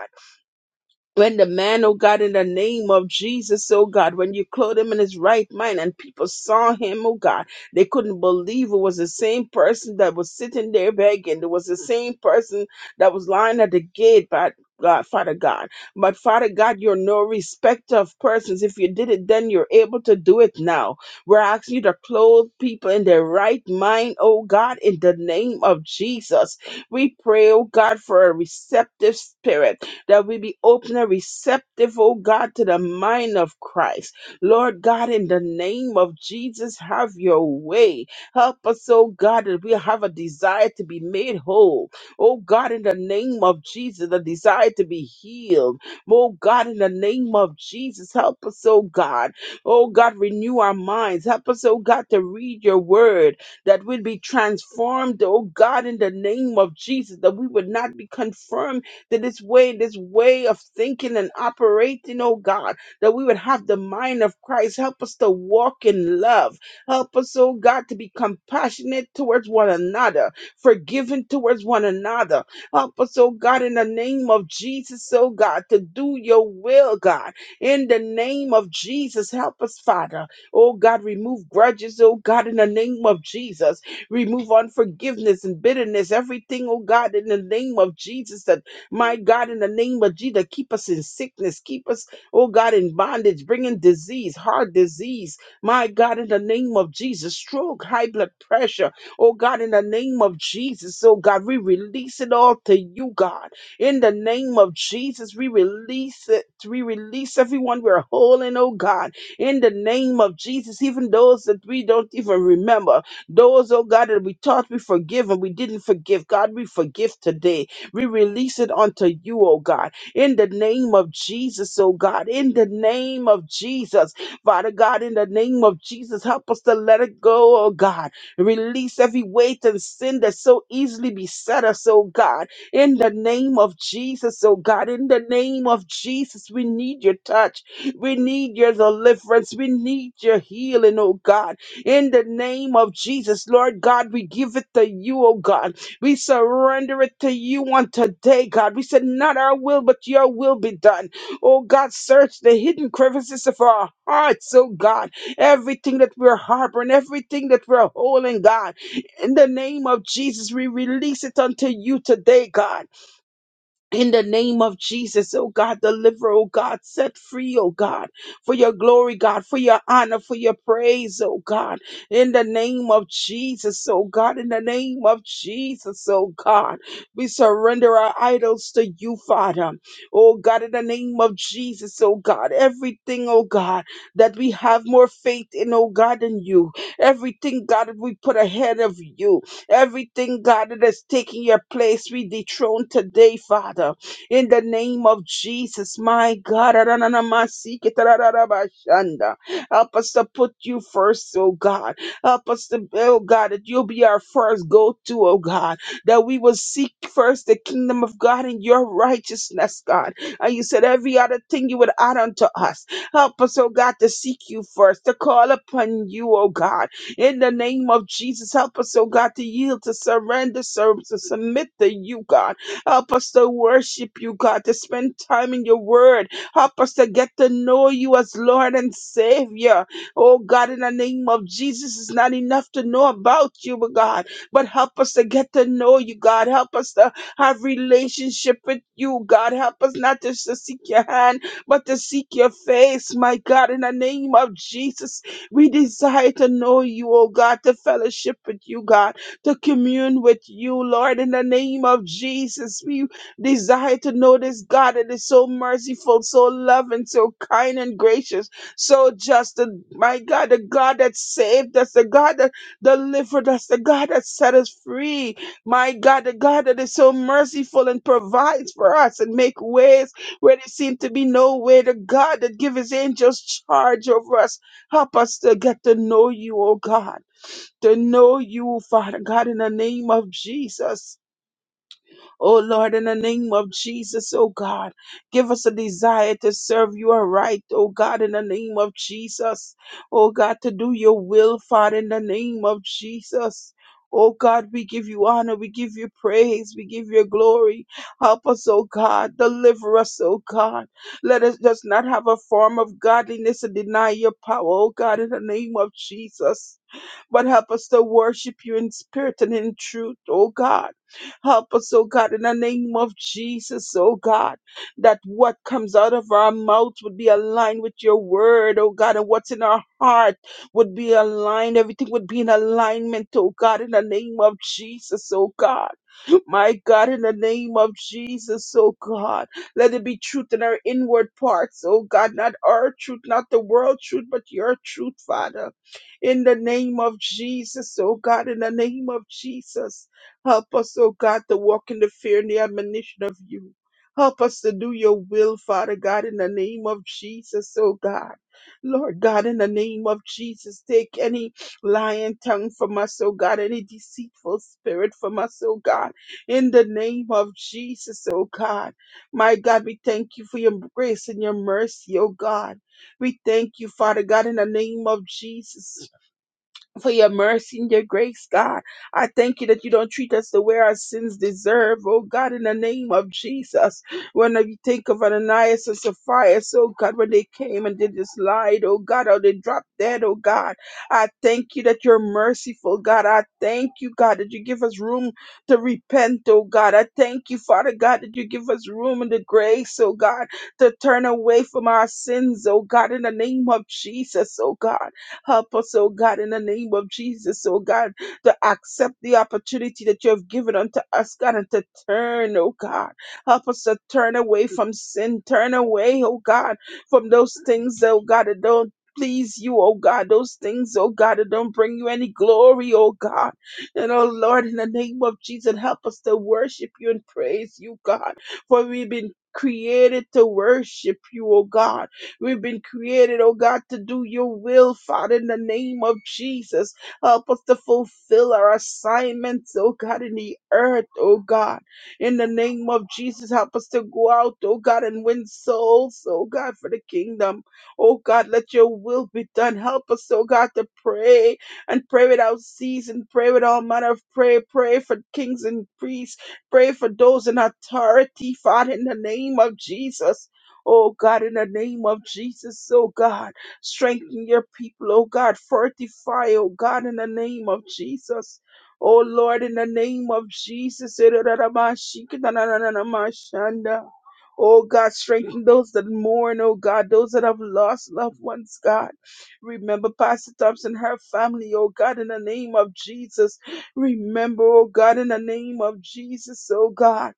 when the man, oh God, in the name of Jesus, oh God, when you clothed him in his right mind and people saw him, oh God, they couldn't believe it was the same person that was sitting there begging. It was the same person that was lying at the gate, but God, Father God. But Father God, you're no respecter of persons. If you did it then, you're able to do it now. We're asking you to clothe people in their right mind, oh God, in the name of Jesus. We pray, oh God, for a receptive spirit that we be open and receptive, oh God, to the mind of Christ. Lord God, in the name of Jesus, have your way. Help us, oh God, that we have a desire to be made whole. Oh God, in the name of Jesus, a desire to be healed. Oh God, in the name of Jesus, help us, oh God. Oh God, renew our minds. Help us, oh God, to read your word that we'd be transformed, oh God, in the name of Jesus, that we would not be conformed that this way, this way of thinking and operating, oh God, that we would have the mind of Christ. Help us to walk in love. Help us, oh God, to be compassionate towards one another, forgiving towards one another. Help us, oh God, in the name of Jesus, oh God, to do your will, God. In the name of Jesus, help us, Father. Oh God, remove grudges, oh God, in the name of Jesus. Remove unforgiveness and bitterness, everything, oh God, in the name of Jesus that. My God, in the name of Jesus, keep us in sickness. Keep us, oh God, in bondage, bringing disease, heart disease. My God, in the name of Jesus, stroke, high blood pressure. Oh God, in the name of Jesus, oh God, we release it all to you, God. In the name of Jesus, we release it. We release everyone we're holding, oh God. In the name of Jesus, even those that we don't even remember, those, oh God, that we thought we forgive and we didn't forgive. God, we forgive today we release it unto you, oh God, in the name of Jesus, oh God, in the name of Jesus. Father God, in the name of Jesus, help us to let it go, oh God. Release every weight and sin that so easily beset us, oh God, in the name of Jesus, oh God, in the name of Jesus. We need your touch, we need your deliverance, we need your healing, oh God, in the name of Jesus, Lord God. We give it to you, oh God. We surrender it to you on today, God. We said, Not our will, but your will be done. Oh, God, search the hidden crevices of our hearts, oh, God. Everything that we're harboring, everything that we're holding, God. In the name of Jesus, we release it unto you today, God in the name of Jesus, oh God, deliver, oh God, set free, oh God, for your glory, God, for your honor, for your praise, oh God, in the name of Jesus, oh God, in the name of Jesus, oh God, we surrender our idols to you, Father, oh God, in the name of Jesus, oh God, everything, oh God, that we have more faith in, oh God, than you, everything, God, we put ahead of you, Everything, God, that is taking your place, we dethrone today, Father. In the name of Jesus, my God. Arananamasiketarararabashanda. Help us to put you first, oh God. Help us to, oh God, that you'll be our first go to, oh God. That we will seek first the kingdom of God and your righteousness, God. And you said every other thing you would add unto us. Help us, oh God, to seek you first, to call upon you, oh God. In the name of Jesus, help us, oh God, to yield, to surrender, serve, to submit to you, God. Help us to worship you, God, to spend time in your word. Help us to get to know you as Lord and Savior. Oh God, in the name of Jesus, it's not enough to know about you, but God, but help us to get to know you, God. Help us to have relationship with you, God. Help us not just to seek your hand, but to seek your face, my God, in the name of Jesus. We desire to know you, oh God, to fellowship with you, God, to commune with you, Lord, in the name of Jesus. We desire to know this God that is so merciful, so loving, so kind and gracious, so just. And my God, the God that saved us, the God that delivered us, the God that set us free. My God, the God that is so merciful and provides for us and make ways where there seem to be no way. The God that gives his angels charge over us Help us to get to know you, oh God, to know you, Father God, in the name of Jesus. Oh Lord, in the name of Jesus, oh God, give us a desire to serve you aright, oh God, in the name of Jesus. Oh God, to do your will, Father, in the name of Jesus. Oh God, we give you honor, we give you praise, we give you glory. Help us, oh God, deliver us, oh God. Let us just not have a form of godliness and deny your power, oh God, in the name of Jesus but help us to worship you in spirit and in truth, oh God. Help us, oh God, in the name of Jesus, oh God, that what comes out of our mouth would be aligned with your word, oh God, and what's in our heart would be aligned. Everything would be in alignment, oh God, in the name of Jesus, oh God. My God, in the name of Jesus, oh God, let it be truth in our inward parts, oh God, not our truth, not the world truth, but your truth, Father. In the name of Jesus, oh God, in the name of Jesus, help us, oh God, to walk in the fear and the admonition of you. Help us to do your will, Father God, in the name of Jesus, oh God. Lord God, in the name of Jesus, take any lying tongue from us, oh God, any deceitful spirit from us, oh God in the name of Jesus, oh God. My God, we thank you for your grace and your mercy, oh God. We thank you, Father God, in the name of Jesus for your mercy and your grace, God. I thank you that you don't treat us the way our sins deserve, oh God, in the name of Jesus. When you think of Ananias and Sapphira, oh God, when they came and they just lied, oh God, or they dropped dead, oh God, I thank you that you're merciful, God. I thank you, God, that you give us room to repent, oh God. I thank you, Father God, that you give us room and the grace, oh God, to turn away from our sins, oh God, in the name of Jesus, oh God. Help us, oh God, in the name of Jesus, oh God, to accept the opportunity that you have given unto us, God, and to turn, oh God. Help us to turn away from sin, turn away, oh God, from those things, oh God, that don't please you, oh God, those things, oh God, that don't bring you any glory, oh God. And oh Lord, in the name of Jesus, help us to worship you and praise you, God, for we've been created to worship you, oh God. We've been created, oh God, to do your will, Father, in the name of Jesus. Help us to fulfill our assignments, oh God, in the earth, oh God. In the name of Jesus, help us to go out, oh God, and win souls, oh God, for the kingdom. Oh God, let your will be done. Help us, oh God, to pray and pray without ceasing, pray with all manner of prayer, pray for kings and priests, pray for those in authority, Father, in the name of Jesus. Oh God, in the name of Jesus, oh God, strengthen your people, oh God, fortify, oh God, in the name of Jesus. Oh Lord, in the name of Jesus. Oh God, strengthen those that mourn, oh God, those that have lost loved ones, God. Remember Pastor Thompson, her family, oh God, in the name of Jesus. Remember, oh God, in the name of Jesus, oh God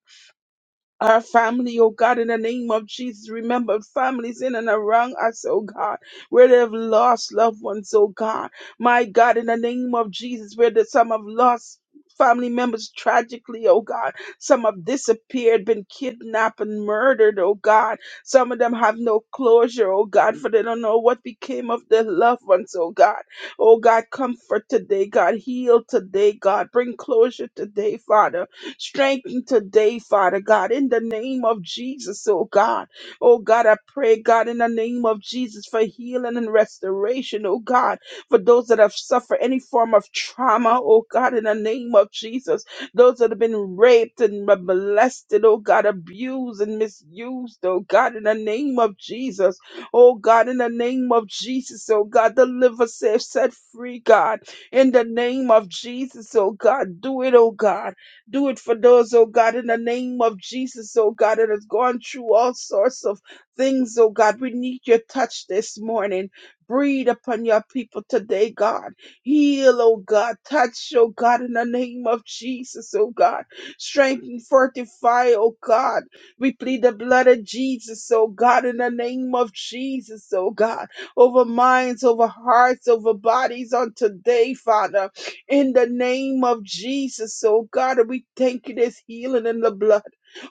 our family, oh God, in the name of Jesus. Remember families in and around us, oh God, where they have lost loved ones, oh God. My God, in the name of Jesus, where the, some have lost family members tragically, oh God. Some have disappeared, been kidnapped and murdered, oh God. Some of them have no closure, oh God, for they don't know what became of their loved ones, oh God. Oh God, comfort today, God. Heal today, God. Bring closure today, Father. Strengthen today, Father God, in the name of Jesus, oh God. Oh God, I pray, God, in the name of Jesus for healing and restoration, oh God, for those that have suffered any form of trauma, oh God, in the name of Jesus. Those that have been raped and m- molested, oh God, abused and misused, oh God, in the name of Jesus. Oh God, in the name of Jesus, oh God, deliver, save, set free, God, in the name of Jesus, oh God, do it, oh God. Do it for those, oh God, in the name of Jesus, oh God, that has gone through all sorts of things, oh God. We need your touch this morning. Breathe upon your people today, God. Heal, oh God. Touch, oh God, in the name of Jesus, oh God. Strengthen, fortify, oh God. We plead the blood of Jesus, oh God, in the name of Jesus, oh God. Over minds, over hearts, over bodies on today, Father in the name of Jesus, oh God. And we thank you this healing in the blood.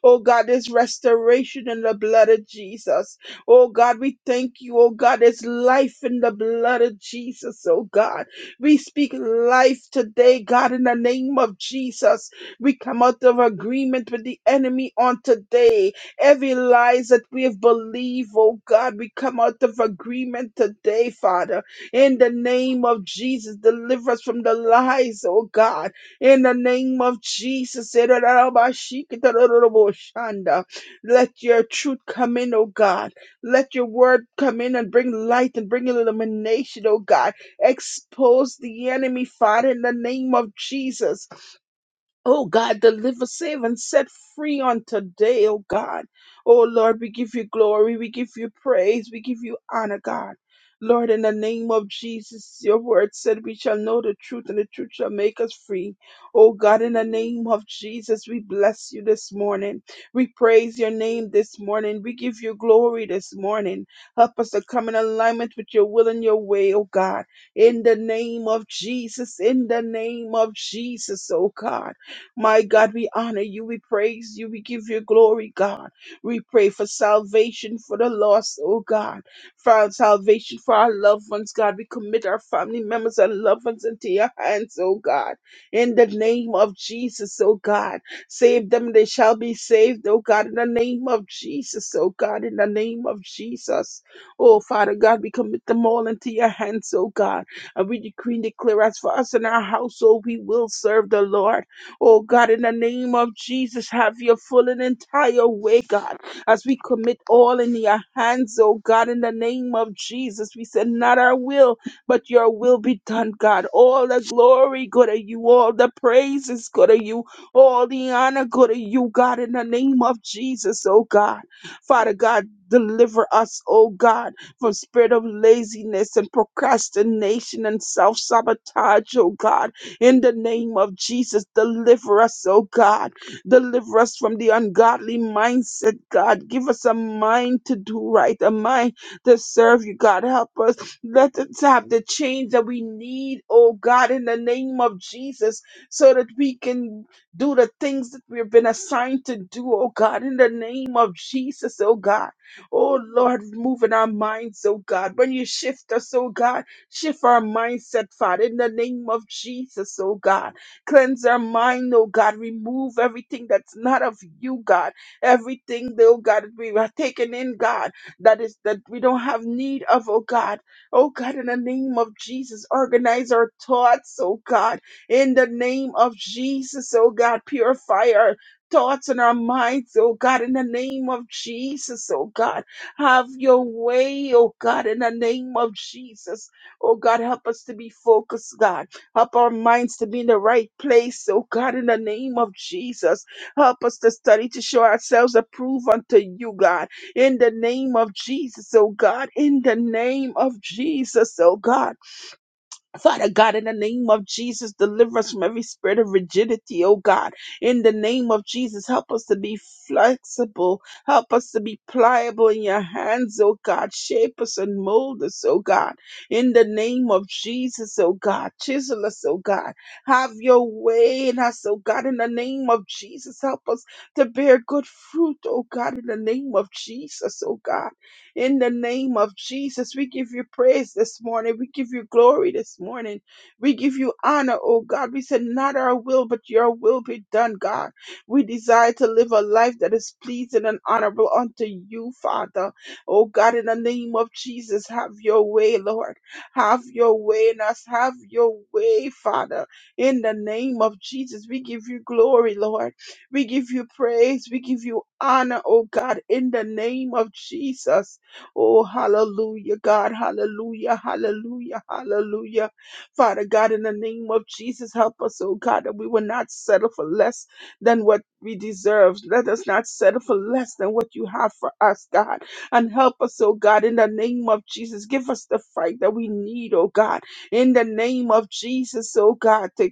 Oh God, this restoration in the blood of Jesus. Oh God, we thank you. Oh God, there's life in the blood of Jesus. Oh God, we speak life today, God, in the name of Jesus. We come out of agreement with the enemy on today. Every lies that we have believed, oh God, we come out of agreement today, Father. In the name of Jesus, deliver us from the lies, oh God. In the name of Jesus, let your truth come in, oh God. Let your word come in and bring light and bring illumination, oh God. Expose the enemy, Father, in the name of Jesus. Oh God, deliver, save, and set free on today, oh God. Oh Lord, we give you glory, we give you praise, we give you honor, God. Lord, in the name of Jesus, your word said we shall know the truth and the truth shall make us free. Oh God, in the name of Jesus, we bless you this morning. We praise your name this morning. We give you glory this morning. Help us to come in alignment with your will and your way, oh God. In the name of Jesus, in the name of Jesus, oh God. My God, we honor you, we praise you, we give you glory, God. We pray for salvation for the lost, oh God. For salvation for our loved ones, God. We commit our family members and loved ones into your hands, oh God. In the name of Jesus, oh God. Save them, they shall be saved, oh God. In the name of Jesus, oh God. In the name of Jesus. Oh Father God, we commit them all into your hands, oh God. And we decree and declare as for us and our household, we will serve the Lord. Oh God, in the name of Jesus, have your full and entire way, God, as we commit all in your hands, oh God, in the name of Jesus. We said, Not our will, but your will be done, God. All the glory go to you, all the praises go to you, all the honor go to you, God, in the name of Jesus, oh God. Father God, deliver us, oh God from spirit of laziness and procrastination and self-sabotage, oh God. In the name of Jesus, deliver us, oh God. Deliver us from the ungodly mindset, God. Give us a mind to do right, a mind to serve you, God. Help us. Let us have the change that we need, oh God, in the name of Jesus, so that we can do the things that we've been assigned to do, oh God, in the name of Jesus, oh God. Oh Lord, move in our minds, oh God. When you shift us, oh God. Shift our mindset, Father, in the name of Jesus, oh God. Cleanse our mind, oh God. Remove everything that's not of you, God. Everything, oh God, that we have taken in, God, that is that we don't have need of, oh God. Oh God, in the name of Jesus, organize our thoughts, oh God. In the name of Jesus, oh God, purify our thoughts and our minds, oh God, in the name of Jesus, oh God. Have your way, oh God, in the name of Jesus. Oh God, help us to be focused, God. Help our minds to be in the right place. Oh God, in the name of Jesus, help us to study to show ourselves approved unto you, God. In the name of Jesus, oh God. In the name of Jesus, oh God. Father God, in the name of Jesus, deliver us from every spirit of rigidity, oh God. In the name of Jesus, help us to be flexible. Help us to be pliable in your hands, oh God. Shape us and mold us, oh God. In the name of Jesus, oh God. Chisel us, oh God. Have your way in us, oh God. In the name of Jesus, help us to bear good fruit, oh God. In the name of Jesus, oh God. In the name of Jesus, we give you praise this morning. We give you glory this morning. We give you honor, oh God. We said, Not our will, but your will be done, God. We desire to live a life that is pleasing and honorable unto you, Father. Oh God, in the name of Jesus, have your way, Lord. Have your way in us. Have your way, Father. In the name of Jesus, we give you glory, Lord. We give you praise. We give you honor, oh God, in the name of Jesus. Oh, hallelujah, God. Hallelujah, hallelujah, hallelujah. Father God, in the name of Jesus, help us, oh God, that we will not settle for less than what we deserve. Let us not settle for less than what you have for us, God. And help us, oh God, in the name of Jesus. Give us the fight that we need, oh God. In the name of Jesus, oh God, to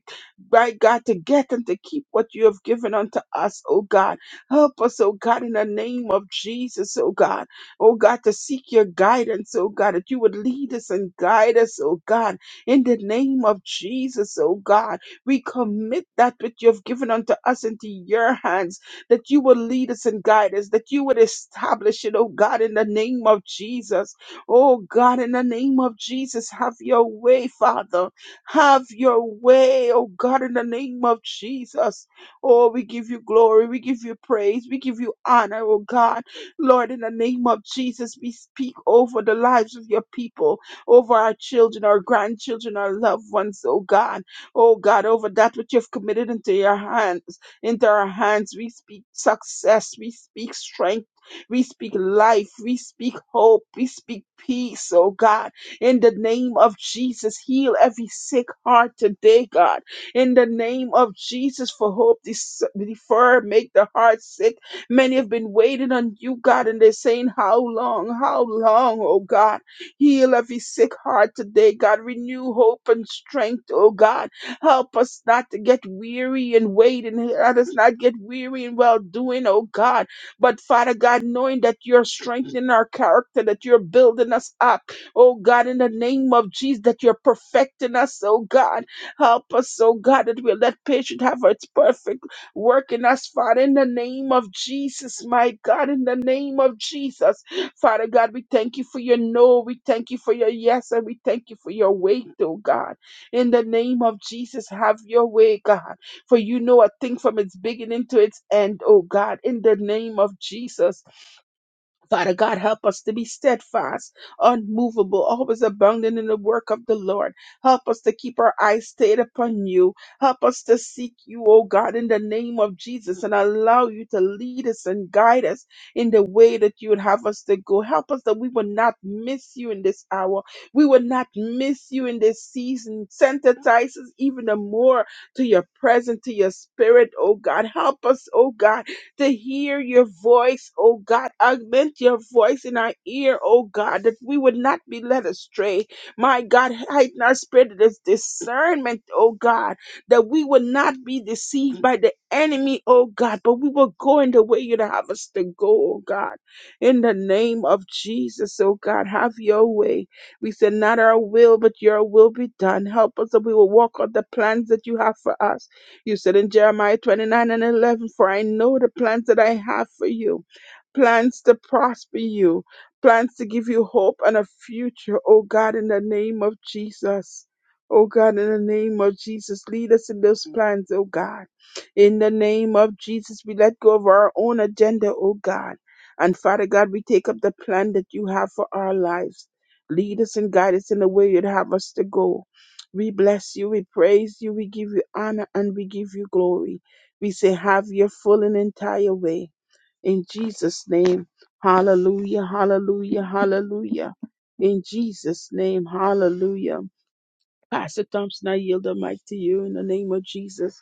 right God, to get and to keep what you have given unto us, oh God. Help us, oh God, in the name of Jesus, oh God oh God, to seek your guidance, oh God, that you would lead us and guide us, oh God, in the name of Jesus, oh God. We commit that which you have given unto us into your hands, that you will lead us and guide us, that you would establish it, oh God, in the name of Jesus. Oh God, in the name of Jesus, have your way, Father. Have your way, oh God, in the name of Jesus. Oh, we give you glory, we give you praise, we give you honor, oh God. Lord, in the name of Jesus, we speak over the lives of your people, over our children, our grandchildren, our loved ones, oh God. Oh God, over that which you've committed into your hands, into our hands. We speak success, we speak strength. We speak life, we speak hope, we speak peace, oh God. In the name of Jesus, heal every sick heart today, God. In the name of Jesus, for hope dis- defer, make the heart sick Many have been waiting on you, God, and they're saying, How long? How long, oh God? Heal every sick heart today, God. Renew hope and strength, oh God. Help us not to get weary and wait, and let us not get weary in well doing, oh God. But Father God, knowing that you're strengthening our character, that you're building us up, oh God, in the name of Jesus, that you're perfecting us, oh God. Help us, oh God, that we'll let patience have its perfect. Work in us, Father, in the name of Jesus, my God, in the name of Jesus. Father God, we thank you for your no, we thank you for your yes, and we thank you for your wait, oh God. In the name of Jesus, have your way, God. For you know a thing from its beginning to its end, oh God, in the name of Jesus. Father God, help us to be steadfast, unmovable, always abounding in the work of the Lord. Help us to keep our eyes stayed upon you. Help us to seek you, O God, in the name of Jesus and allow you to lead us and guide us in the way that you would have us to go. Help us that we will not miss you in this hour. We will not miss you in this season. Sensitize us even the more to your presence, to your spirit, O God. Help us, O God to hear your voice, oh God. Augment your voice in our ear, oh God, that we would not be led astray. My God, heighten our spirit of this discernment, oh God, that we will not be deceived by the enemy, oh God, but we will go in the way you'd have us to go, oh God. In the name of Jesus, oh God, have your way. We said, not our will, but your will be done. Help us that we will walk on the plans that you have for us. You said in Jeremiah 29 and 11, For I know the plans that I have for you, plans to prosper you, plans to give you hope and a future. Oh God, in the name of Jesus. Oh God, in the name of Jesus, lead us in those plans, oh God. In the name of Jesus, we let go of our own agenda, oh God. And Father God, we take up the plan that you have for our lives. Lead us and guide us in the way you'd have us to go. We bless you, we praise you, we give you honor, and we give you glory. We say, Have your full and entire way. In Jesus' name, hallelujah, hallelujah, hallelujah. In Jesus' name, hallelujah. Pastor Thompson, I yield the mic to you in the name of Jesus.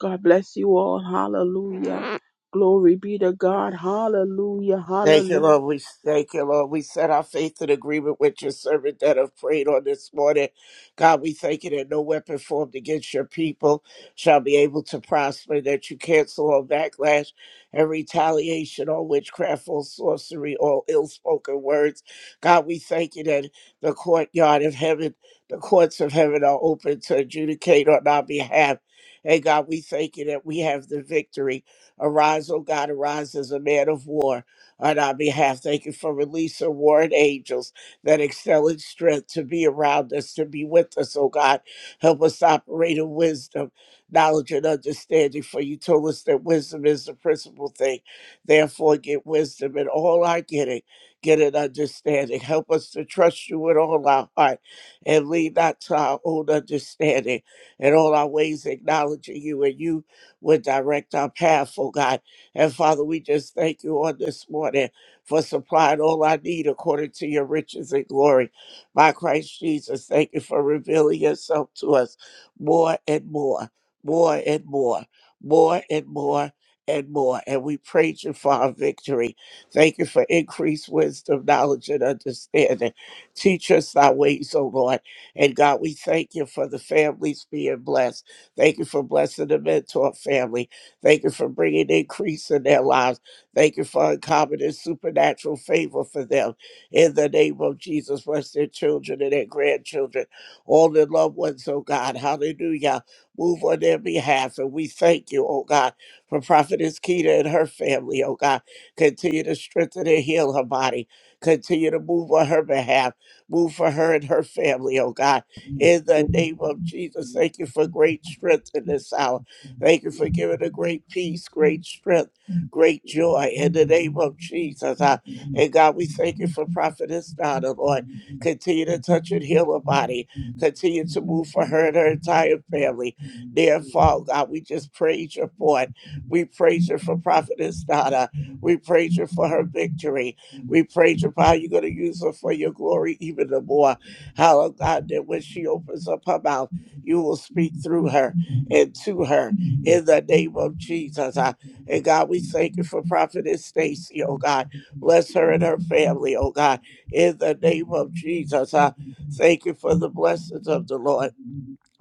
God bless you all. Hallelujah. Glory be to God. Hallelujah.
Thank you,
Hallelujah.
Lord. We thank you, Lord. We set our faith in agreement with your servant that have prayed on this morning. God, we thank you that no weapon formed against your people shall be able to prosper, that you cancel all backlash and retaliation, all witchcraft, all sorcery, all ill spoken words. God, we thank you that the courtyard of heaven, the courts of heaven are open to adjudicate on our behalf. And God, we thank you that we have the victory. Arise, O God, arise as a man of war on our behalf. Thank you for release of ward angels that excel in strength to be around us, to be with us, oh God. Help us to operate in wisdom, knowledge, and understanding. For you told us that wisdom is the principal thing. Therefore, get wisdom in all our getting. Get an understanding. Help us to trust you with all our heart and lead not to our own understanding. In all our ways, acknowledging you, and you would direct our path, oh God. And Father, we just thank you on this morning for supplying all I need according to your riches and glory. By Christ Jesus, thank you for revealing yourself to us more and more, more and more, more and more. And more. And we praise you for our victory. Thank you for increased wisdom, knowledge, and understanding. Teach us thy ways, O Lord. And God, we thank you for the families being blessed. Thank you for blessing the mentor family. Thank you for bringing increase in their lives. Thank you for uncommon and supernatural favor for them. In the name of Jesus, bless their children and their grandchildren, all their loved ones, oh God. Hallelujah. Move on their behalf. And we thank you, oh God, for Prophetess Keita and her family, oh God. Continue to strengthen and heal her body. Continue to move on her behalf. Move for her and her family, oh God. In the name of Jesus, thank you for great strength in this hour. Thank you for giving her great peace, great strength, great joy in the name of Jesus. I, and God, we thank you for Prophetess Donna, Lord. Continue to touch and heal her body. Continue to move for her and her entire family. Dear Father, God, we just praise you for it. We praise you for Prophetess Donna. We praise you for her victory. We praise you for how you're going to use her for your glory even the more. How, oh God, that when she opens up her mouth, you will speak through her and to her in the name of Jesus. I, and God, we thank you for Prophetess Stacy, oh God. Bless her and her family, oh God, in the name of Jesus. I thank you for the blessings of the Lord.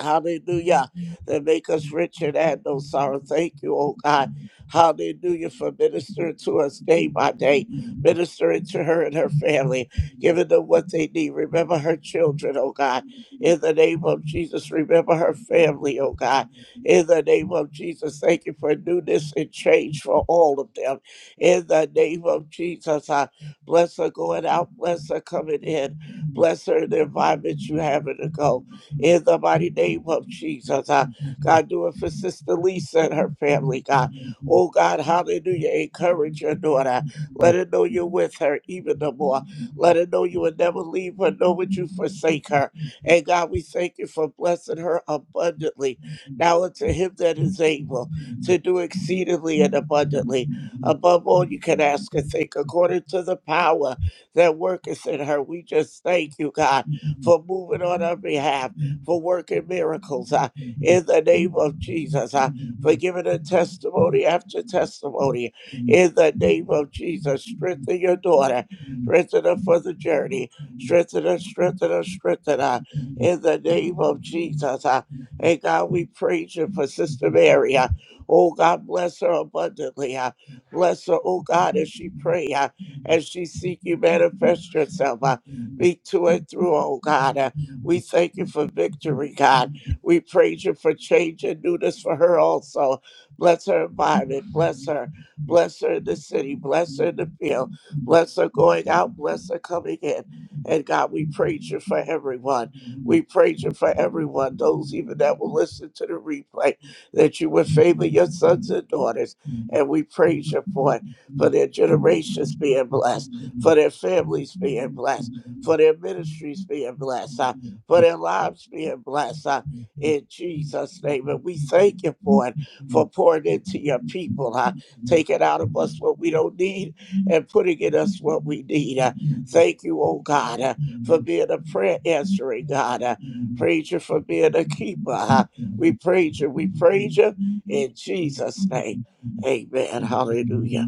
Hallelujah. That make us rich and add no sorrow. Thank you, oh God. Hallelujah for ministering to us day by day, ministering to her and her family, giving them what they need. Remember her children, oh God. In the name of Jesus, remember her family, oh God. In the name of Jesus, thank you for newness and change for all of them. In the name of Jesus, I bless her going out, bless her coming in, bless her in the environment you have her to go in the mighty name of Jesus. Uh, God, do it for Sister Lisa and her family, God. Oh, God, hallelujah. Encourage your daughter. Let her know you're with her even the more. Let her know you will never leave her, nor would you forsake her. And God, we thank you for blessing her abundantly. Now unto him that is able to do exceedingly and abundantly. Above all, you can ask and think according to the power that worketh in her. We just thank you, God, for moving on our behalf for working miracles uh, in the name of Jesus, uh, for giving a testimony after testimony in the name of Jesus. Strengthen your daughter, strengthen her for the journey, strengthen her, strengthen her, strengthen her in the name of Jesus. uh. and God, we praise you for Sister Mary. uh. oh, God, bless her abundantly. uh. bless her, oh, God, as she pray, uh, as she seek you manifest yourself. uh, be to and through, oh God. uh, we thank you for victory, God. We praise you for change and newness for her also. Bless her environment. Bless her. Bless her in the city. Bless her in the field. Bless her going out. Bless her coming in. And God, we praise you for everyone. We praise you for everyone, those even that will listen to the replay, that you would favor your sons and daughters. And we praise you for it, for their generations being blessed, for their families being blessed, for their ministries being blessed for their lives being blessed uh, in Jesus' name. And we thank you for it, for pouring into your people, uh, taking out of us what we don't need and putting in us what we need. Uh, thank you, oh God, uh, for being a prayer answering God. Uh, praise you for being a keeper. Uh, we praise you. We praise you in Jesus' name. Amen. Hallelujah.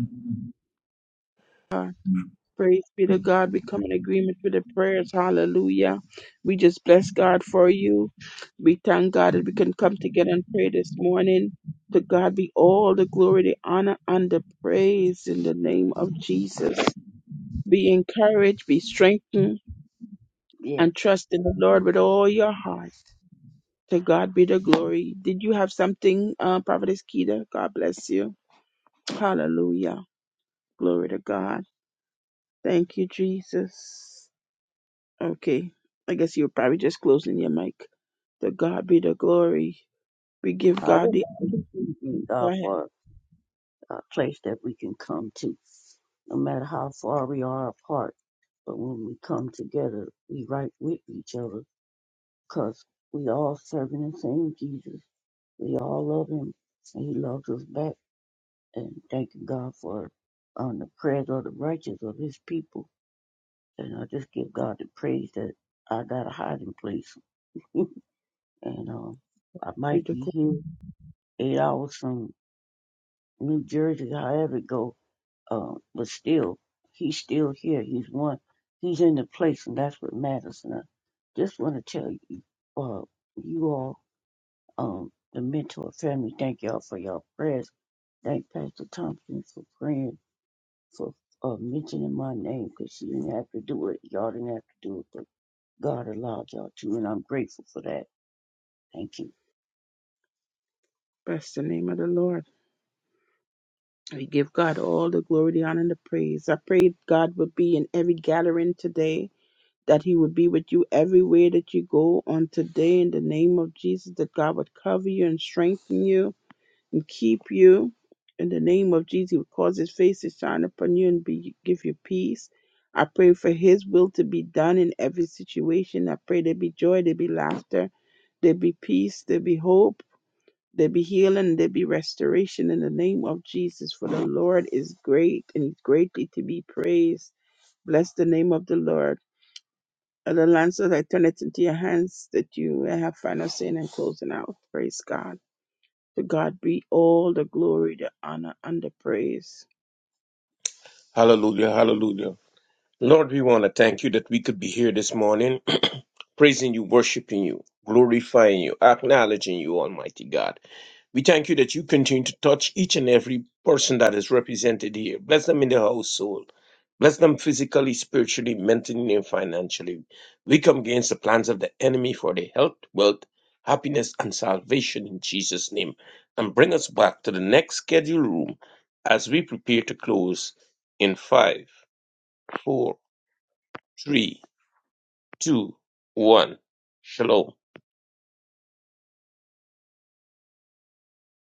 Praise be to God. We come in agreement with the prayers. Hallelujah. We just bless God for you. We thank God that we can come together and pray this morning. To God be all the glory, the honor, and the praise in the name of Jesus. Be encouraged, be strengthened,
Yes,
and trust in the Lord with all your heart. To God be the glory. Did you have something, uh, Prophetess Keita? God bless you. Hallelujah. Glory to God. Thank you, Jesus. Okay. I guess you are probably just closing your mic. The God be the glory. We give
I
God
just,
the
I just thank you, God
God
for a place that we can come to, no matter how far we are apart. But when we come together, we right with each other, cause we all serving the same Jesus. We all love Him, and He loves us back. and thanking God for um, the prayers of the righteous of his people. And I just give God the praise that I got a hiding place. (laughs) and um, I
be
might
the
be
glory.
here eight hours from New Jersey, however it go. Um, but still, he's still here. He's one. He's in the place, and that's what matters. And I just want to tell you, uh, you all, um, the mentor family, thank y'all for your prayers. Thank Pastor Thompson for praying for uh, mentioning my name because she didn't have to do it. Y'all didn't have to do it, but God allowed y'all to, and I'm grateful for that. Thank you.
Bless the name of the Lord. We give God all the glory, the honor, and the praise. I pray God would be in every gathering today, that He would be with you everywhere that you go on today in the name of Jesus, that God would cover you and strengthen you and keep you. In the name of Jesus, He will cause His face to shine upon you and be, give you peace. I pray for His will to be done in every situation. I pray there be joy, there be laughter, there be peace, there be hope, there be healing, there be restoration in the name of Jesus. For the Lord is great and He's greatly to be praised. Bless the name of the Lord. Other lancers, I turn it into your hands that you have final saying and closing out. Praise God. To God be all the glory, the honor, and the praise.
Hallelujah, hallelujah. Lord, we want to thank you that we could be here this morning, (clears throat) praising you, worshiping you, glorifying you, acknowledging you, Almighty God. We thank you that you continue to touch each and every person that is represented here. Bless them in their household. Bless them physically, spiritually, mentally, and financially. We come against the plans of the enemy for their health, wealth, happiness, and salvation in Jesus' name. And bring us back to the next scheduled room as we prepare to close in five, four, three, two, one. Shalom.